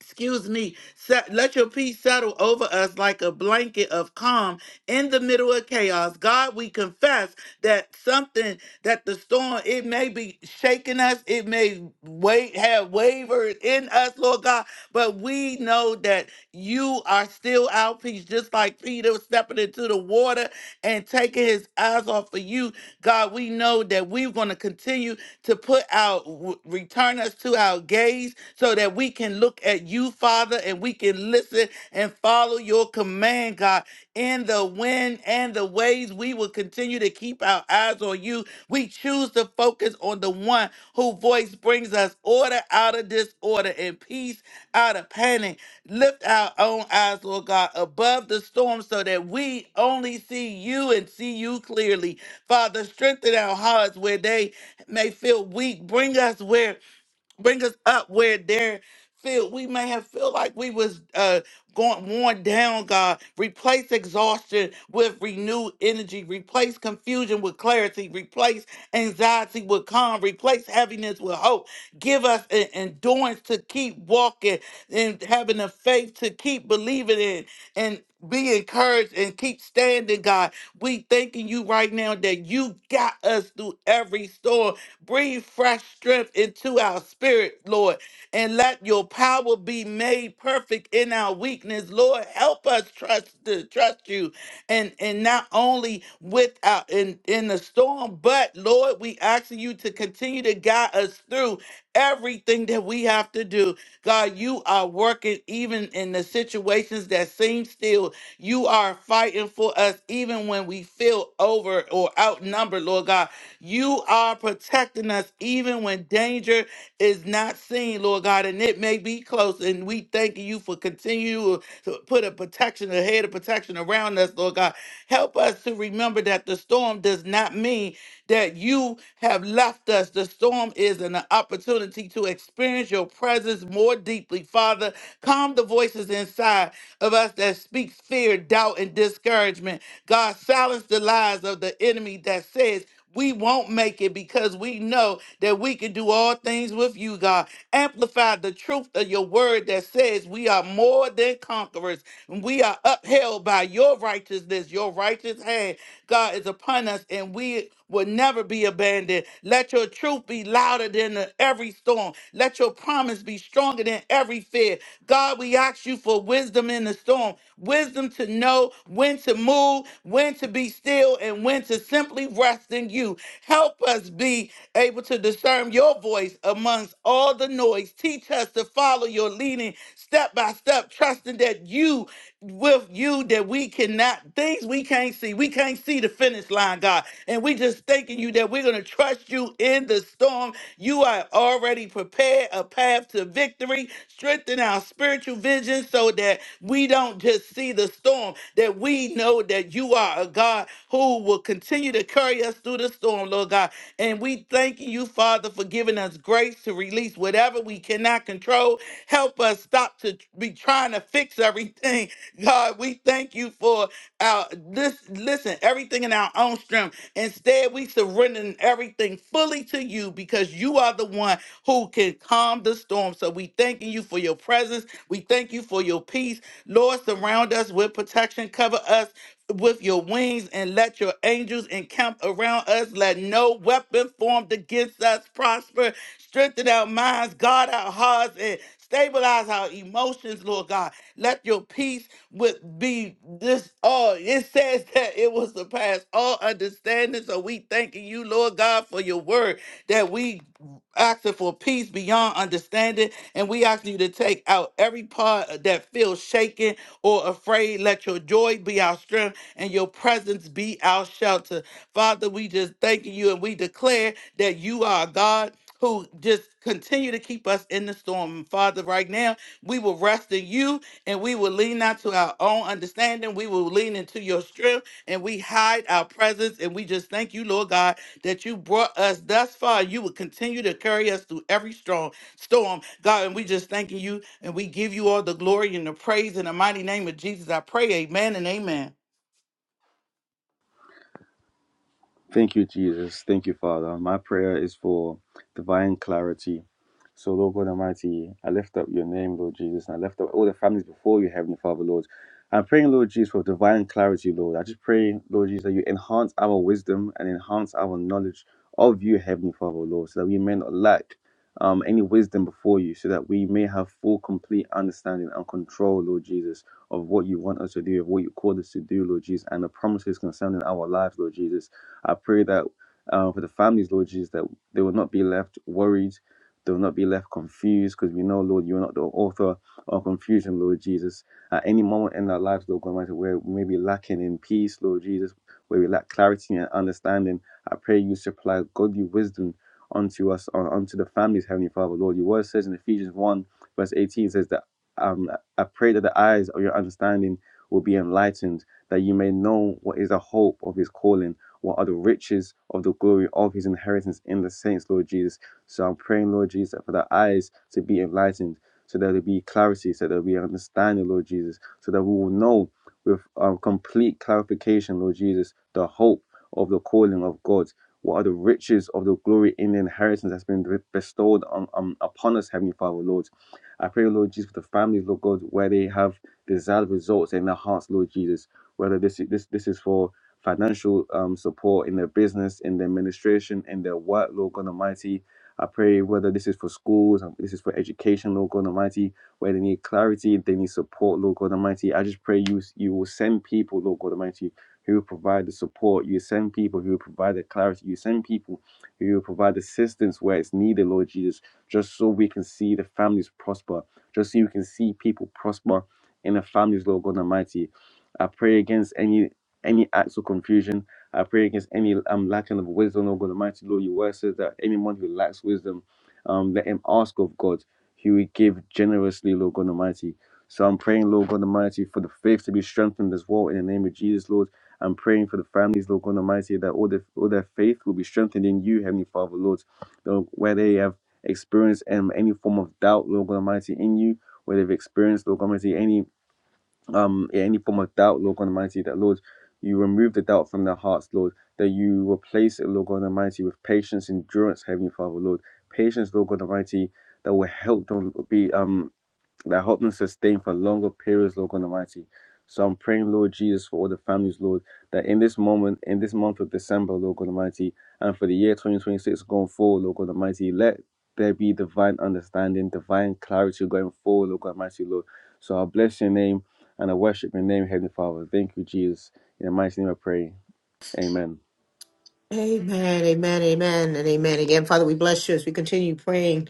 B: excuse me, set, let your peace settle over us like a blanket of calm in the middle of chaos. God, we confess that something, that the storm, it may be shaking us, it may wait, have wavered in us, Lord God, but we know that you are still our peace, just like Peter stepping into the water and taking his eyes off of you. God, we know that we're going to continue to put out, w- return us to our gaze so that we can look at you, Father, and we can listen and follow your command, God. In the wind and the waves, we will continue to keep our eyes on you. We choose to focus on the one whose voice brings us order out of disorder and peace out of panic. Lift our own eyes, Lord God, above the storm so that we only see you and see you clearly. Father, strengthen our hearts where they may feel weak. Bring us where, bring us up where there feel we may have feel like we was uh going worn down, God. Replace exhaustion with renewed energy, replace confusion with clarity, replace anxiety with calm, replace heaviness with hope. Give us an endurance to keep walking and having the faith to keep believing in and be encouraged and keep standing, God. We thanking you right now that you got us through every storm Breathe fresh strength into our spirit, Lord, and let your power be made perfect in our weakness. Lord, help us trust to trust you and and not only with our in, in the storm, but Lord, we ask you to continue to guide us through everything that we have to do. God, you are working even in the situations that seem still. You are fighting for us even when we feel over or outnumbered, Lord God. You are protecting us even when danger is not seen, Lord God, and it may be close. And we thank you for continuing to put a protection, a head of protection around us, Lord God. Help us to remember that the storm does not mean that you have left us. The storm is an opportunity to experience your presence more deeply. Father, calm the voices inside of us that speaks fear, doubt, and discouragement. God, silence the lies of the enemy that says we won't make it because we know that we can do all things with you, God. Amplify the truth of your word that says we are more than conquerors. and We are upheld by your righteousness. Your righteous hand, God, is upon us, and we will never be abandoned. Let your truth be louder than the- every storm. Let your promise be stronger than every fear. God, we ask you for wisdom in the storm storm, wisdom to know when to move, when to be still, and when to simply rest in you. Help us be able to discern your voice amongst all the noise. Teach us to follow your leading step by step, trusting that you with you that we cannot things we can't see. We can't see the finish line, God. And we just thanking you that we're gonna trust you in the storm. You are already prepared a path to victory. Strengthen our spiritual vision so that we don't just see the storm, that we know that you are a God who will continue to carry us through the storm, Lord God. And we thanking you, Father, for giving us grace to release whatever we cannot control. Help us stop to be trying to fix everything God, we thank you for our this listen, everything in our own strength. Instead, we surrendering everything fully to you because you are the one who can calm the storm. So we thanking you for your presence. We thank you for your peace. Lord, surround us with protection. Cover us with your wings and let your angels encamp around us. Let no weapon formed against us prosper. Strengthen our minds, guard our hearts, and stabilize our emotions, Lord God. Let your peace with be this all. It says that it will surpass all understanding. So we thanking you, Lord God, for your word that we asking for peace beyond understanding. And we asking you to take out every part that feels shaken or afraid. Let your joy be our strength and your presence be our shelter. Father, we just thank you and we declare that you are a God who just continue to keep us in the storm. Father, right now, we will rest in you and we will lean not to our own understanding. We will lean into your strength and we hide our presence. And we just thank you, Lord God, that you brought us thus far. You will continue to carry us through every strong storm, God. And we just thanking you and we give you all the glory and the praise in the mighty name of Jesus. I pray, amen and amen.
I: Thank you, Jesus. Thank you, Father. My prayer is for divine clarity So, Lord God Almighty, I lift up your name, Lord Jesus, and I lift up all the families before you, Heavenly Father, Lord. I'm praying, Lord Jesus, for divine clarity, Lord. I just pray, Lord Jesus, that you enhance our wisdom and enhance our knowledge of you, Heavenly Father, Lord, so that we may not lack um, any wisdom before you, so that we may have full, complete understanding and control, Lord Jesus, of what you want us to do, of what you called us to do, Lord Jesus, and the promises concerning our lives, Lord Jesus. I pray that uh, for the families, Lord Jesus, that they will not be left worried they will not be left confused because we know, Lord, you are not the author of confusion, Lord Jesus. At any moment in our lives, Lord God, Almighty, where we may be lacking in peace, Lord Jesus, where we lack clarity and understanding, I pray you supply godly wisdom unto us, uh, unto the families, Heavenly Father, Lord. Your word says in Ephesians 1, verse 18, says that um, I pray that the eyes of your understanding will be enlightened, that you may know what is the hope of his calling, what are the riches of the glory of his inheritance in the saints, Lord Jesus so I'm praying, Lord Jesus, for the eyes to be enlightened, so that there be clarity, so that we understanding, Lord Jesus, so that we will know with um, complete clarification, Lord Jesus, the hope of the calling of God. What are the riches of the glory in the inheritance that's been bestowed on, um, upon us, Heavenly Father, Lord? I pray, Lord Jesus, for the families, Lord God, where they have desired results in their hearts, Lord Jesus. Whether this this this is for financial um, support in their business, in their administration, in their work, Lord God Almighty, I pray whether this is for schools, um, this is for education, Lord God Almighty, where they need clarity, they need support, Lord God Almighty. I just pray you you will send people, Lord God Almighty, who will provide the support. You send people who will provide the clarity. You send people who will provide assistance where it's needed, Lord Jesus, just so we can see the families prosper, just so you can see people prosper in the families, Lord God Almighty. I pray against any any acts of confusion I pray against any um lacking of wisdom, oh God Almighty Lord, your word says that anyone who lacks wisdom, um, let him ask of God. He will give generously, Lord God Almighty. So I'm praying, Lord God Almighty, for the faith to be strengthened as well in the name of Jesus, Lord. I'm praying for the families, Lord God Almighty, that all their all their faith will be strengthened in you, Heavenly Father, Lord. Lord, Where they have experienced um, any form of doubt, Lord God Almighty, in you, where they've experienced, Lord God Almighty, any um, in any form of doubt, Lord God Almighty, that Lord, you remove the doubt from their hearts, Lord, that you replace it, Lord God Almighty, with patience, endurance, Heavenly Father, Lord, patience, Lord God Almighty, that will help them be um that help them sustain for longer periods, Lord God Almighty. So I'm praying, Lord Jesus, for all the families, Lord, that in this moment, in this month of December, Lord God Almighty, and for the year 2026 going forward, Lord God Almighty, let there be divine understanding, divine clarity going forward, Lord God Almighty, Lord. So I bless your name and I worship your name, Heavenly Father. Thank you, Jesus. In the mighty name I pray. Amen.
E: Amen, amen, amen, and amen again. Father, we bless you as we continue praying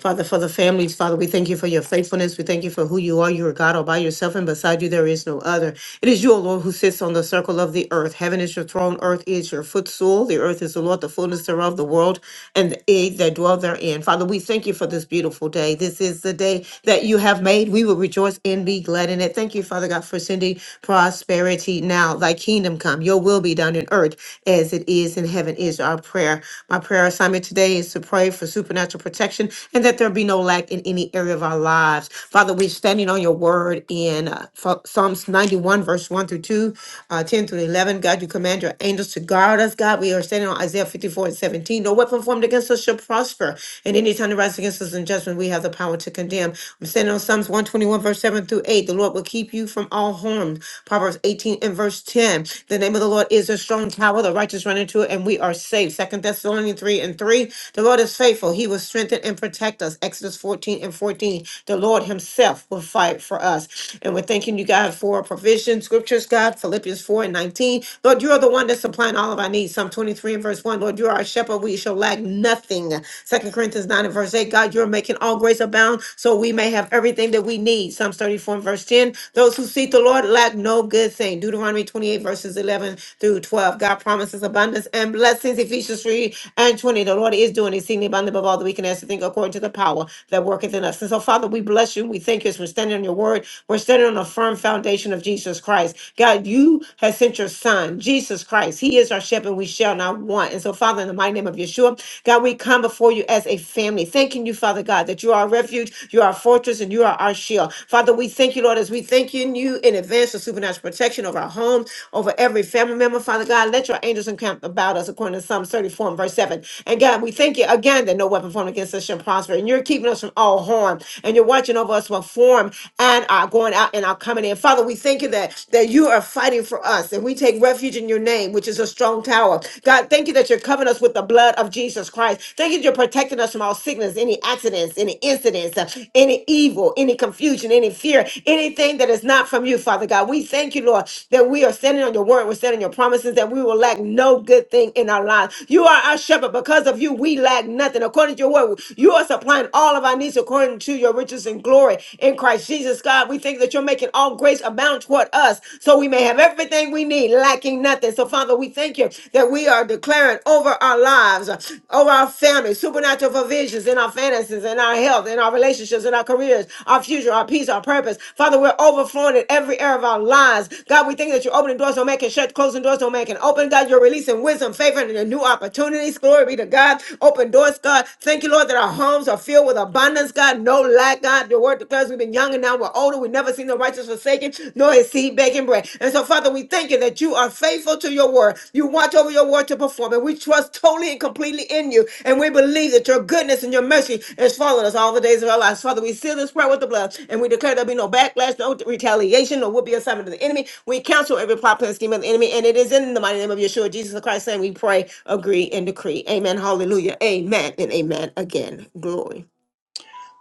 E: Father, for the families, Father, we thank you for your faithfulness. We thank you for who you are. You are God all by yourself, and beside you there is no other. It is you, O Lord, who sits on the circle of the earth. Heaven is your throne, earth is your footstool. The earth is the Lord, the fullness thereof, the world, and they that dwell therein. Father, we thank you for this beautiful day. This is the day that you have made. We will rejoice and be glad in it. Thank you, Father God, for sending prosperity now. Thy kingdom come, your will be done in earth as it is in heaven, is our prayer. My. Our prayer assignment today is to pray for supernatural protection and that there be no lack in any area of our lives. Father, we're standing on your word in uh, Ph- Psalms 91, verse 1 through 2, uh, 10 through 11. God, you command your angels to guard us. God, we are standing on Isaiah 54 and 17. No weapon formed against us shall prosper. And any time that rises against us in judgment, we have the power to condemn. I'm standing on Psalms 121, verse 7 through 8. The Lord will keep you from all harm. Proverbs 18 and verse 10. The name of the Lord is a strong strong tower. The righteous run into it, and we are saved. Second Thessalonians 3 and 3. The Lord is faithful. He will strengthen and protect us. Exodus 14 and 14. The Lord Himself will fight for us. And we're thanking you, God, for provision. Scriptures, God, Philippians 4 and 19. Lord, you are the one that's supplying all of our needs. Psalm 23 and verse 1. Lord, you are our shepherd. We shall lack nothing. Second Corinthians 9 and verse 8. God, you're making all grace abound so we may have everything that we need. Psalms 34 and verse 10. Those who seek the Lord lack no no good thing. Deuteronomy 28, verses 11 through 12. God promises abundance and blessings. Ephesians 3 and 20. The Lord is doing exceedingly abundantly above all that we can ask to think according to the power that worketh in us. And so, Father, we bless you. We thank you as we're standing on your word. We're standing on a firm foundation of Jesus Christ. God, you have sent your son, Jesus Christ. He is our shepherd. We shall not want. And so, Father, in the mighty name of Yeshua, God, we come before you as a family, thanking you, Father God, that you are our refuge, you are our fortress, and you are our shield shield. Father, we thank you, Lord, as we thank you, in you in advance for supernatural protection over our homes, over every family member. Father God, let your angels encamp about us according to Psalms 34 and verse 7. And God, we thank you again that no weapon formed against us shall prosper. And you're keeping us from all harm. And you're watching over us from form and our going out and our coming in. Father, we thank you that, that you are fighting for us. And we take refuge in your name, which is a strong tower. God, thank you that you're covering us with the blood of Jesus Christ. Thank you that you're protecting us from all sickness, any any accidents, any incidents, uh, any evil, any confusion, any fear, anything that is not from you, Father God. We thank you, Lord, that we are standing on your word, we're standing on your promises, that we will lack no good thing in our lives. You are our shepherd. Because of you, we lack nothing. According to your word, you are supplying all of our needs according to your riches and glory in Christ Jesus, God. We thank that you're making all grace abound toward us so we may have everything we need, lacking nothing. So, Father, we thank you that we are declaring over our lives lives, uh, over our families, supernatural provisions in our finances, in our health, in our relationships, in our careers, our future, our peace, our purpose. Father, we're overflowing in every area of our lives. God, we thank you that you're opening doors, don't make it shut, closing doors, don't make it open. God, you're releasing wisdom, favor, and the new opportunities. Glory be to God. Open doors, God. Thank you, Lord, that our homes are filled with abundance, God. No lack, God. Your word declares we've been young and now we're older. We've never seen the righteous forsaken, nor his seed begging bread. And so, Father, we thank you that you are faithful to your your word. You watch over your word to perform it. We trust totally and completely in you. And we believe that your goodness and your mercy is following us all the days of our lives. Father, we seal this prayer with the blood and we declare there'll be no backlash, no retaliation, no will be assignment of the enemy. We cancel every plot, plan, scheme of the enemy. And it is in the mighty name of Yeshua, Jesus Christ, saying we pray, agree, and decree. Amen. Hallelujah. Amen. And amen again. Glory.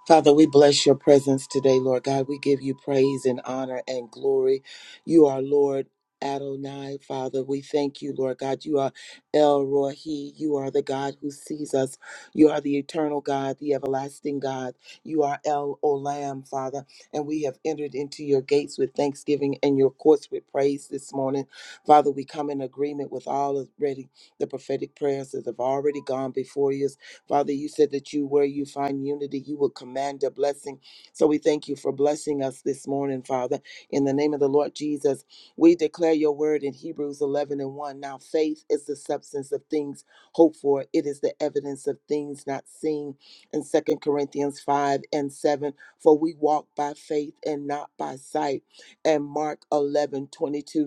F: Father, we bless your presence today, Lord God. We give you praise and honor and glory. You are Lord. Adonai, Father, we thank you, Lord God. You are El Rohi. You are the God who sees us. You are the eternal God, the everlasting God. You are El Olam, Father. And we have entered into your gates with thanksgiving and your courts with praise this morning. Father, we come in agreement with all already the prophetic prayers that have already gone before you Father, you said that you, where you find unity, you will command a blessing. So we thank you for blessing us this morning, Father. In the name of the Lord Jesus, we declare your word in Hebrews 11 and 1. Now, faith is the substance of things hoped for, it is the evidence of things not seen. In Second Corinthians 5 and 7, for we walk by faith and not by sight. And Mark 1122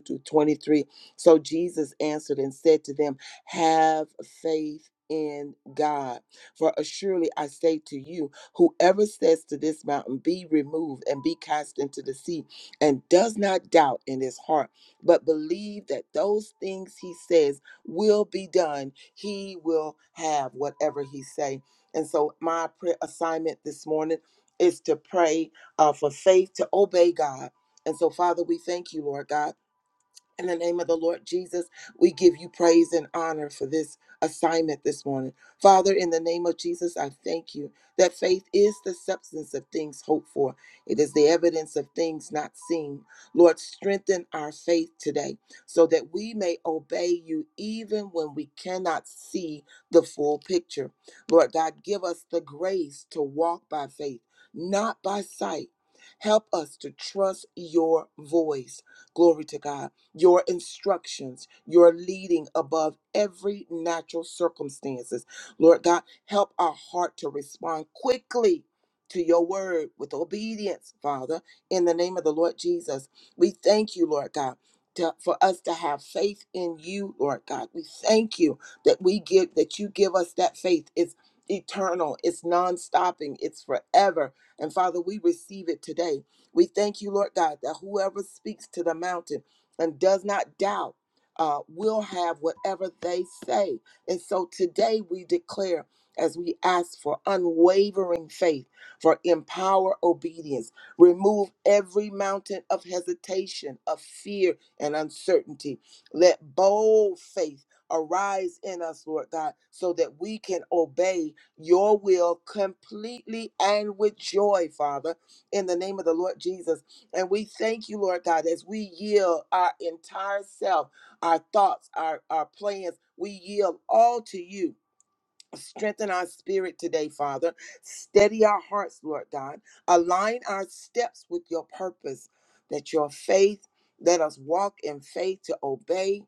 F: to 23. So Jesus answered and said to them, Have faith in God. For assuredly I say to you, whoever says to this mountain, Be removed and be cast into the sea, and does not doubt in his heart, but believe that those things he says will be done, he will have whatever he say. And so my prayer assignment this morning is to pray uh, for faith to obey God. And so, Father, we thank you, Lord God in the name of the Lord Jesus, we give you praise and honor for this assignment this morning. Father, in the name of Jesus, I thank you that faith is the substance of things hoped for, it is the evidence of things not seen. Lord, strengthen our faith today so that we may obey you even when we cannot see the full picture. Lord God, give us the grace to walk by faith, not by sight. Help us to trust your voice. Glory to God your instructions, your leading above every natural circumstances. Lord God, help our heart to respond quickly to your word with obedience, Father, in the name of the Lord Jesus. We thank you, Lord God. To, for us to have faith in you, Lord God, we thank you that we give that you give us that faith. It's eternal, it's non-stopping, it's forever. And Father, we receive it today. We thank you, Lord God, that whoever speaks to the mountain and does not doubt uh, will have whatever they say. And so today we declare as we ask for unwavering faith, for empower obedience, remove every mountain of hesitation, of fear, and uncertainty. Let bold faith arise in us, Lord God, so that we can obey your will completely and with joy, Father, in the name of the Lord Jesus. And we thank you, Lord God, as we yield our entire self, our thoughts, our, our plans, we yield all to you. Strengthen our spirit today, Father. Steady our hearts, Lord God. Align our steps with your purpose. That your faith, let us walk in faith to obey.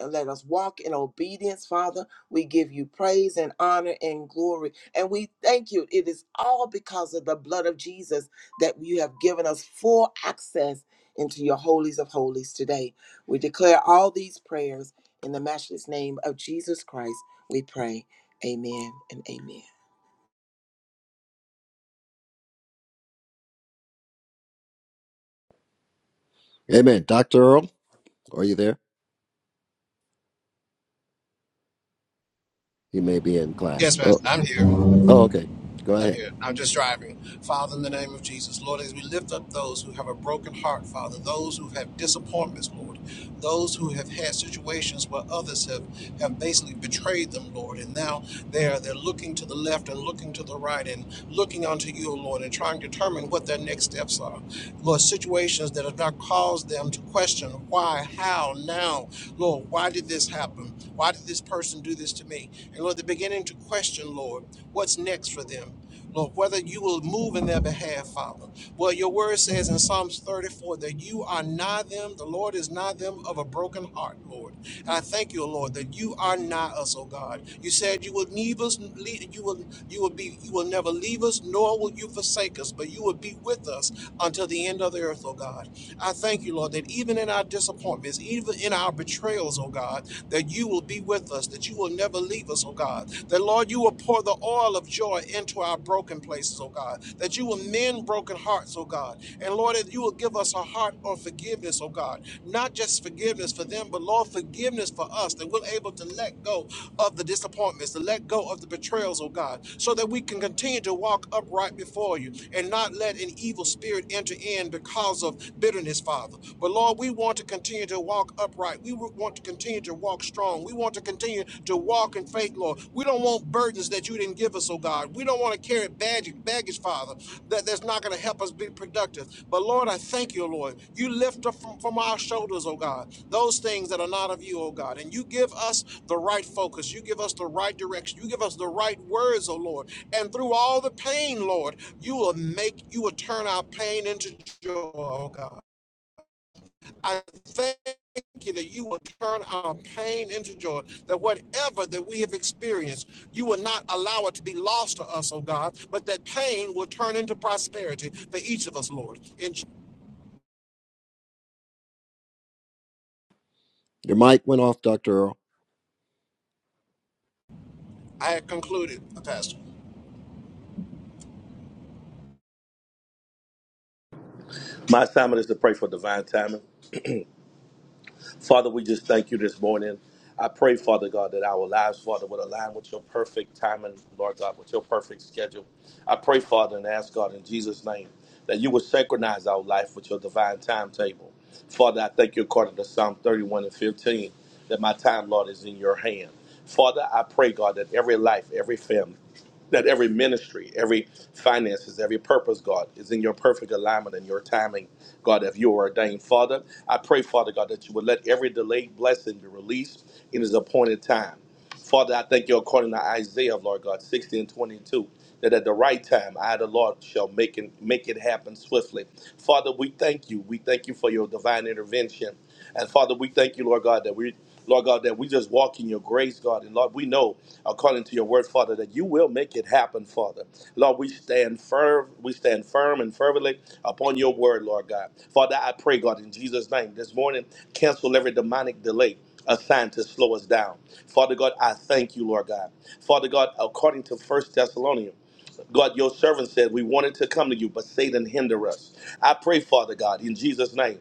F: And let us walk in obedience, Father. We give you praise and honor and glory. And we thank you. It is all because of the blood of Jesus that you have given us full access into your holies of holies today. We declare all these prayers in the matchless name of Jesus Christ. We pray. Amen and amen.
A: Amen. Dr. Earl, are you there? He may be in class.
G: Yes,
A: Oh,
G: Master. I'm here.
A: Oh, okay. Go
G: I'm
A: ahead.
G: here. I'm just driving. Father, in the name of Jesus, Lord, as we lift up those who have a broken heart, Father, those who have disappointments, Lord, those who have had situations where others have, have basically betrayed them, Lord, and now they're they're looking to the left and looking to the right and looking unto you, O Lord, and trying to determine what their next steps are. Lord, situations that have not caused them to question why, how, now, Lord, why did this happen? Why did this person do this to me? And Lord, they're beginning to question, Lord what's next for them. Lord, whether you will move in their behalf, Father. Well, your word says in Psalms 34 that you are nigh them, the Lord is nigh them of a broken heart, Lord. And I thank you, Lord, that you are nigh us, oh God. You said you will leave us, lead, you will you will be you will never leave us, nor will you forsake us, but you will be with us until the end of the earth, oh God. I thank you, Lord, that even in our disappointments, even in our betrayals, oh God, that you will be with us, that that you will never leave us, oh God. That, Lord, you will pour the oil of joy into our broken places, oh God. That you will mend broken hearts, oh God. And, Lord, that you will give us a heart of forgiveness, oh God. Not just forgiveness for them, but, Lord, forgiveness for us, that we're able to let go of the disappointments, to let go of the betrayals, oh God, so that we can continue to walk upright before you and not let an evil spirit enter in because of bitterness, Father. But Lord, we want to continue to walk upright upright. We want to continue to walk strong. We want to continue to walk in faith, Lord. We don't want burdens that you didn't give us, oh God. We don't want to carry baggage, baggage Father, that, that's not going to help us be productive. But Lord, I thank you, Lord. You lift up from, from our shoulders, oh God, those things that are not of you, oh God. And you give us the right focus. You give us the right direction. You give us the right words, oh Lord. And through all the pain, Lord, you will make, you will turn our pain into joy, oh God. I thank you that you will turn our pain into joy, that whatever that we have experienced, you will not allow it to be lost to us, oh God, but that pain will turn into prosperity for each of us, Lord. And
A: Your mic went off, Dr. Earl.
G: I have concluded, Pastor.
H: My assignment is to pray for divine timing. Father, we just thank you this morning. I pray, Father God, that our lives, Father, would align with your perfect timing, Lord God, with your perfect schedule. I pray, Father, and ask God in Jesus' name that you would synchronize our life with your divine timetable. Father, I thank you according to Psalm 31 and 15 that my time, Lord, is in your hand. Father, I pray, God, that every life, every family, that every ministry, every finances, every purpose, God, is in your perfect alignment and your timing, God, if you are ordained. Father, I pray, Father God, that you would let every delayed blessing be released in his appointed time. Father, I thank you according to Isaiah, Lord God, 60 and 22, that at the right time, I, the Lord, shall make it, make it happen swiftly. Father, we thank you. We thank you for your divine intervention. And Father, we thank you, Lord God, that we, Lord God, that we just walk in your grace, God. And Lord, we know, according to your word, Father, that you will make it happen, Father. Lord, we stand firm, we stand firm and fervently upon your word, Lord God. Father, I pray, God, in Jesus' name, this morning, cancel every demonic delay assigned to slow us down. Father God, I thank you, Lord God. Father God, according to First Thessalonians, God, your servant said we wanted to come to you, but Satan hinder us. I pray, Father God, in Jesus' name.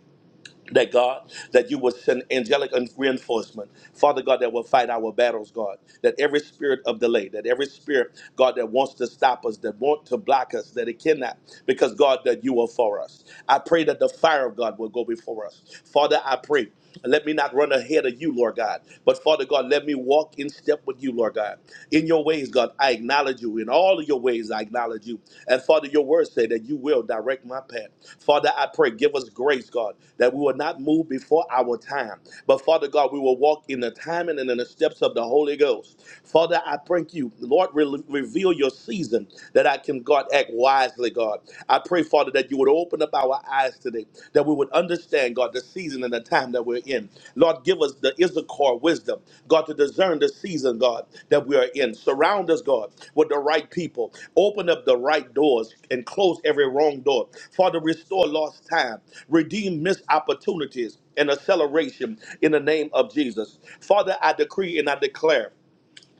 H: That God, that you will send angelic reinforcement, Father God, that will fight our battles, God. That every spirit of delay, that every spirit, God, that wants to stop us, that want to block us, that it cannot, because God, that you are for us. I pray that the fire of God will go before us. Father, I pray let me not run ahead of you, Lord God. But Father God, let me walk in step with you, Lord God. In your ways, God, I acknowledge you. In all of your ways, I acknowledge you. And Father, your word say that you will direct my path. Father, I pray, give us grace, God, that we will not move before our time. But Father God, we will walk in the timing and in the steps of the Holy Ghost. Father, I thank you. Lord, re- reveal your season that I can, God, act wisely, God. God. I pray, Father, that you would open up our eyes today, that we would understand, God, the season and the time that we're in. Lord, give us the Issachar wisdom, God, to discern the season, God, that we are in. Surround us, God, with the right people. Open up the right doors and close every wrong door. Father, restore lost time, redeem missed opportunities and acceleration in the name of Jesus. Father, I decree and I declare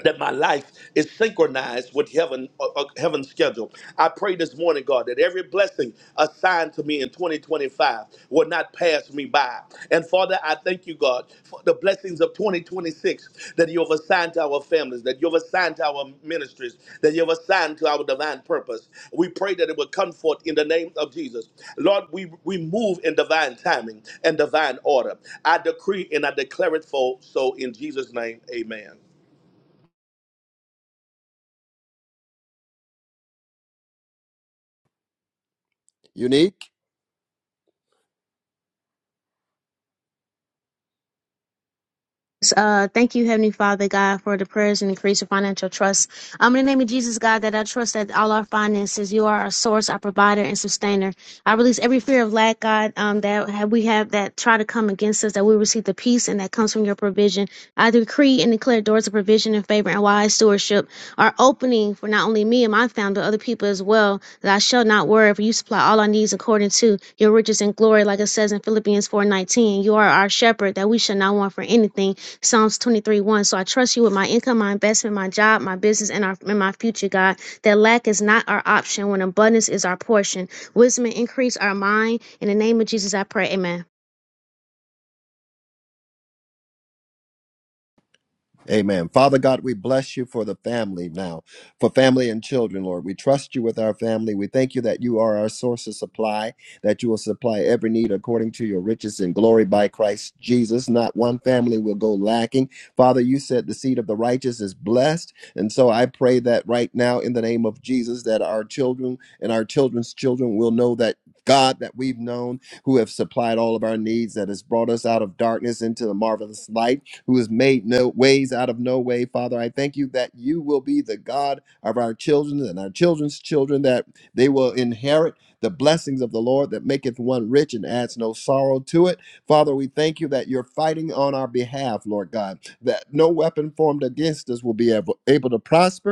H: that my life is synchronized with heaven uh, uh, heaven's schedule. I pray this morning, God, that every blessing assigned to me in 2025 will not pass me by. And Father, I thank you, God, for the blessings of 2026 that you have assigned to our families, that you have assigned to our ministries, that you have assigned to our divine purpose. We pray that it will come forth in the name of Jesus. Lord, we, we move in divine timing and divine order. I decree and I declare it for so in Jesus' name. Amen.
A: Unique?
C: Uh, thank you, Heavenly Father God, for the prayers and increase of financial trust. Um, in the name of Jesus, God, that I trust that all our finances, you are our source, our provider, and sustainer. I release every fear of lack, God, um, that have, we have that try to come against us, that we receive the peace and that comes from your provision. I decree and declare doors of provision and favor and wise stewardship are opening for not only me and my family, but other people as well, that I shall not worry, for you supply all our needs according to your riches and glory, like it says in Philippians 4.19. You are our shepherd, that we shall not want for anything. Psalms 23, 1. So I trust you with my income, my investment, my job, my business, and, our, and my future, God, that lack is not our option when abundance is our portion. Wisdom and increase our mind. In the name of Jesus, I pray. Amen.
A: Amen. Father God, we bless you for the family now, for family and children, Lord. We trust you with our family. We thank you that you are our source of supply, that you will supply every need according to your riches and glory by Christ Jesus. Not one family will go lacking. Father, you said the seed of the righteous is blessed. And so I pray that right now, in the name of Jesus, that our children and our children's children will know that. God that we've known, who have supplied all of our needs, that has brought us out of darkness into the marvelous light who has made no ways out of no way. Father, I thank you that you will be the God of our children and our children's children, that they will inherit the blessings of the Lord that maketh one rich and adds no sorrow to it. Father, we thank you that you're fighting on our behalf, Lord God, that no weapon formed against us will be able, able to prosper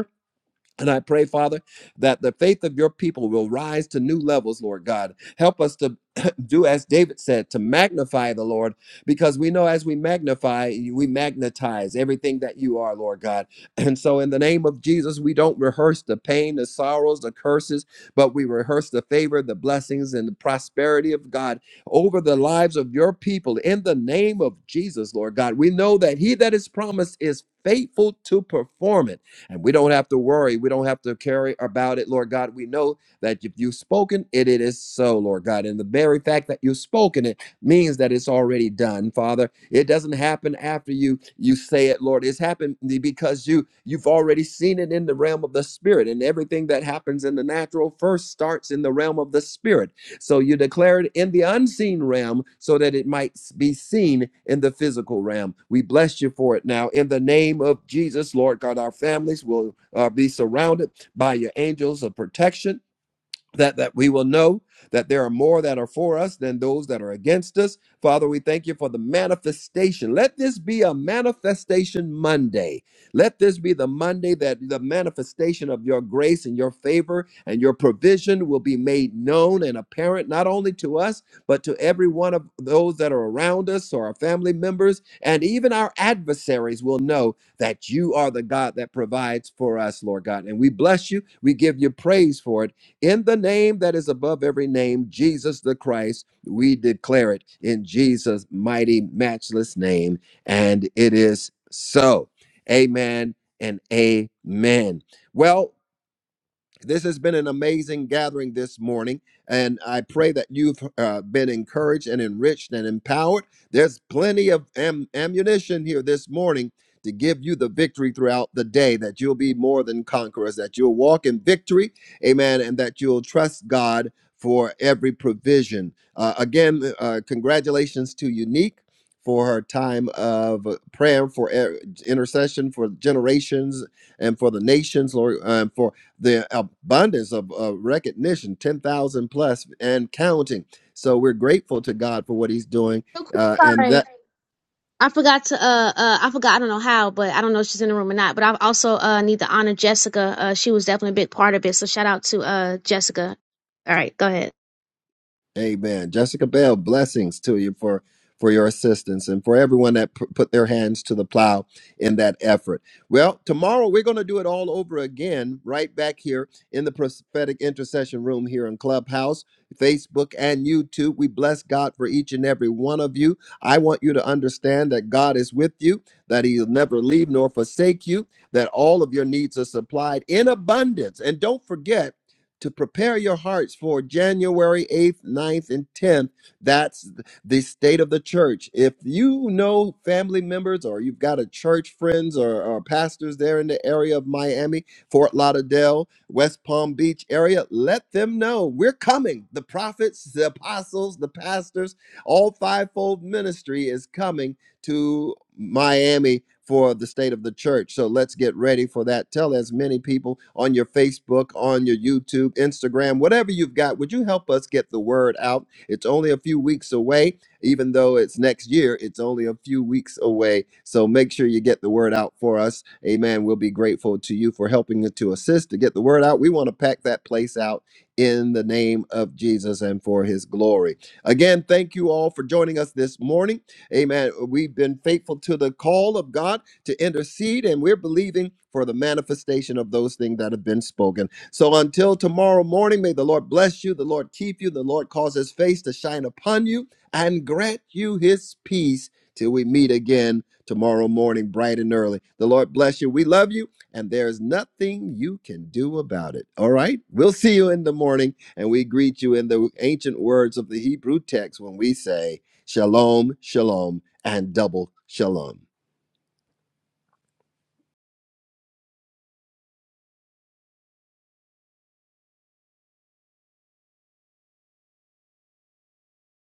A: and I pray, Father, that the faith of your people will rise to new levels, Lord God. Help us to do as David said, to magnify the Lord, because we know as we magnify, we magnetize everything that you are, Lord God. And so, in the name of Jesus, we don't rehearse the pain, the sorrows, the curses, but we rehearse the favor, the blessings, and the prosperity of God over the lives of your people. In the name of Jesus, Lord God, we know that he that is promised is faithful to perform it. And we don't have to worry. We don't have to carry about it, Lord God. We know that if you've spoken it, it is so, Lord God. And the very fact that you've spoken it means that it's already done, Father. It doesn't happen after you you say it, Lord. It's happened because you you've already seen it in the realm of the spirit. And everything that happens in the natural first starts in the realm of the spirit. So you declare it in the unseen realm so that it might be seen in the physical realm. We bless you for it now. In the name of Jesus, Lord God, our families will uh, be surrounded by your angels of protection that that we will know that there are more that are for us than those that are against us. Father, we thank you for the manifestation. Let this be a manifestation Monday. Let this be the Monday that the manifestation of your grace and your favor and your provision will be made known and apparent not only to us, but to every one of those that are around us or our family members and even our adversaries will know that you are the God that provides for us, Lord God. And we bless you. We give you praise for it. In the name that is above every name, Jesus the Christ, we declare it in Jesus' mighty, matchless name. And it is so. Amen and amen. Well, this has been an amazing gathering this morning, and I pray that you've uh, been encouraged and enriched and empowered. There's plenty of am- ammunition here this morning to give you the victory throughout the day, that you'll be more than conquerors, that you'll walk in victory, amen, and that you'll trust God for every provision. Uh, again, uh, congratulations to Unique. For her time of prayer, for er- intercession, for generations, and for the nations, Lord, and for the abundance of uh, recognition 10,000 plus and counting. So we're grateful to God for what he's doing.
C: Real quick,
A: Uh, and
C: sorry.
A: that.
C: I forgot to uh uh I forgot I don't know how, but I don't know if she's in the room or not. But I also uh need to honor Jessica. Uh she was definitely a big part of it. So shout out to uh Jessica. All right, go ahead.
A: Amen. Jessica Bell, blessings to you for for your assistance and for everyone that pu- put their hands to the plow in that effort. Well, tomorrow we're going to do it all over again, right back here in the prophetic intercession room here in Clubhouse, Facebook, and YouTube. We bless God for each and every one of you. I want you to understand that God is with you, that He'll never leave nor forsake you, that all of your needs are supplied in abundance. And don't forget, to prepare your hearts for January 8th, ninth, and 10th. That's the state of the church. If you know family members or you've got a church friends or, or pastors there in the area of Miami, Fort Lauderdale, West Palm Beach area, let them know we're coming. The prophets, the apostles, the pastors, all fivefold ministry is coming to Miami for the state of the church. So let's get ready for that. Tell as many people on your Facebook, on your YouTube, Instagram, whatever you've got, would you help us get the word out? It's only a few weeks away, even though it's next year, it's only a few weeks away. So make sure you get the word out for us. Amen. We'll be grateful to you for helping to assist to get the word out. We want to pack that place out in the name of Jesus and for his glory. Again, thank you all for joining us this morning. Amen. We've been faithful to the call of God to intercede, and we're believing for the manifestation of those things that have been spoken. So until tomorrow morning, may the Lord bless you, the Lord keep you, the Lord cause his face to shine upon you, and grant you his peace till we meet again tomorrow morning, bright and early. The Lord bless you. We love you, and there is nothing you can do about it. All right? We'll see you in the morning, and we greet you in the ancient words of the Hebrew text when we say, Shalom, shalom, and double shalom.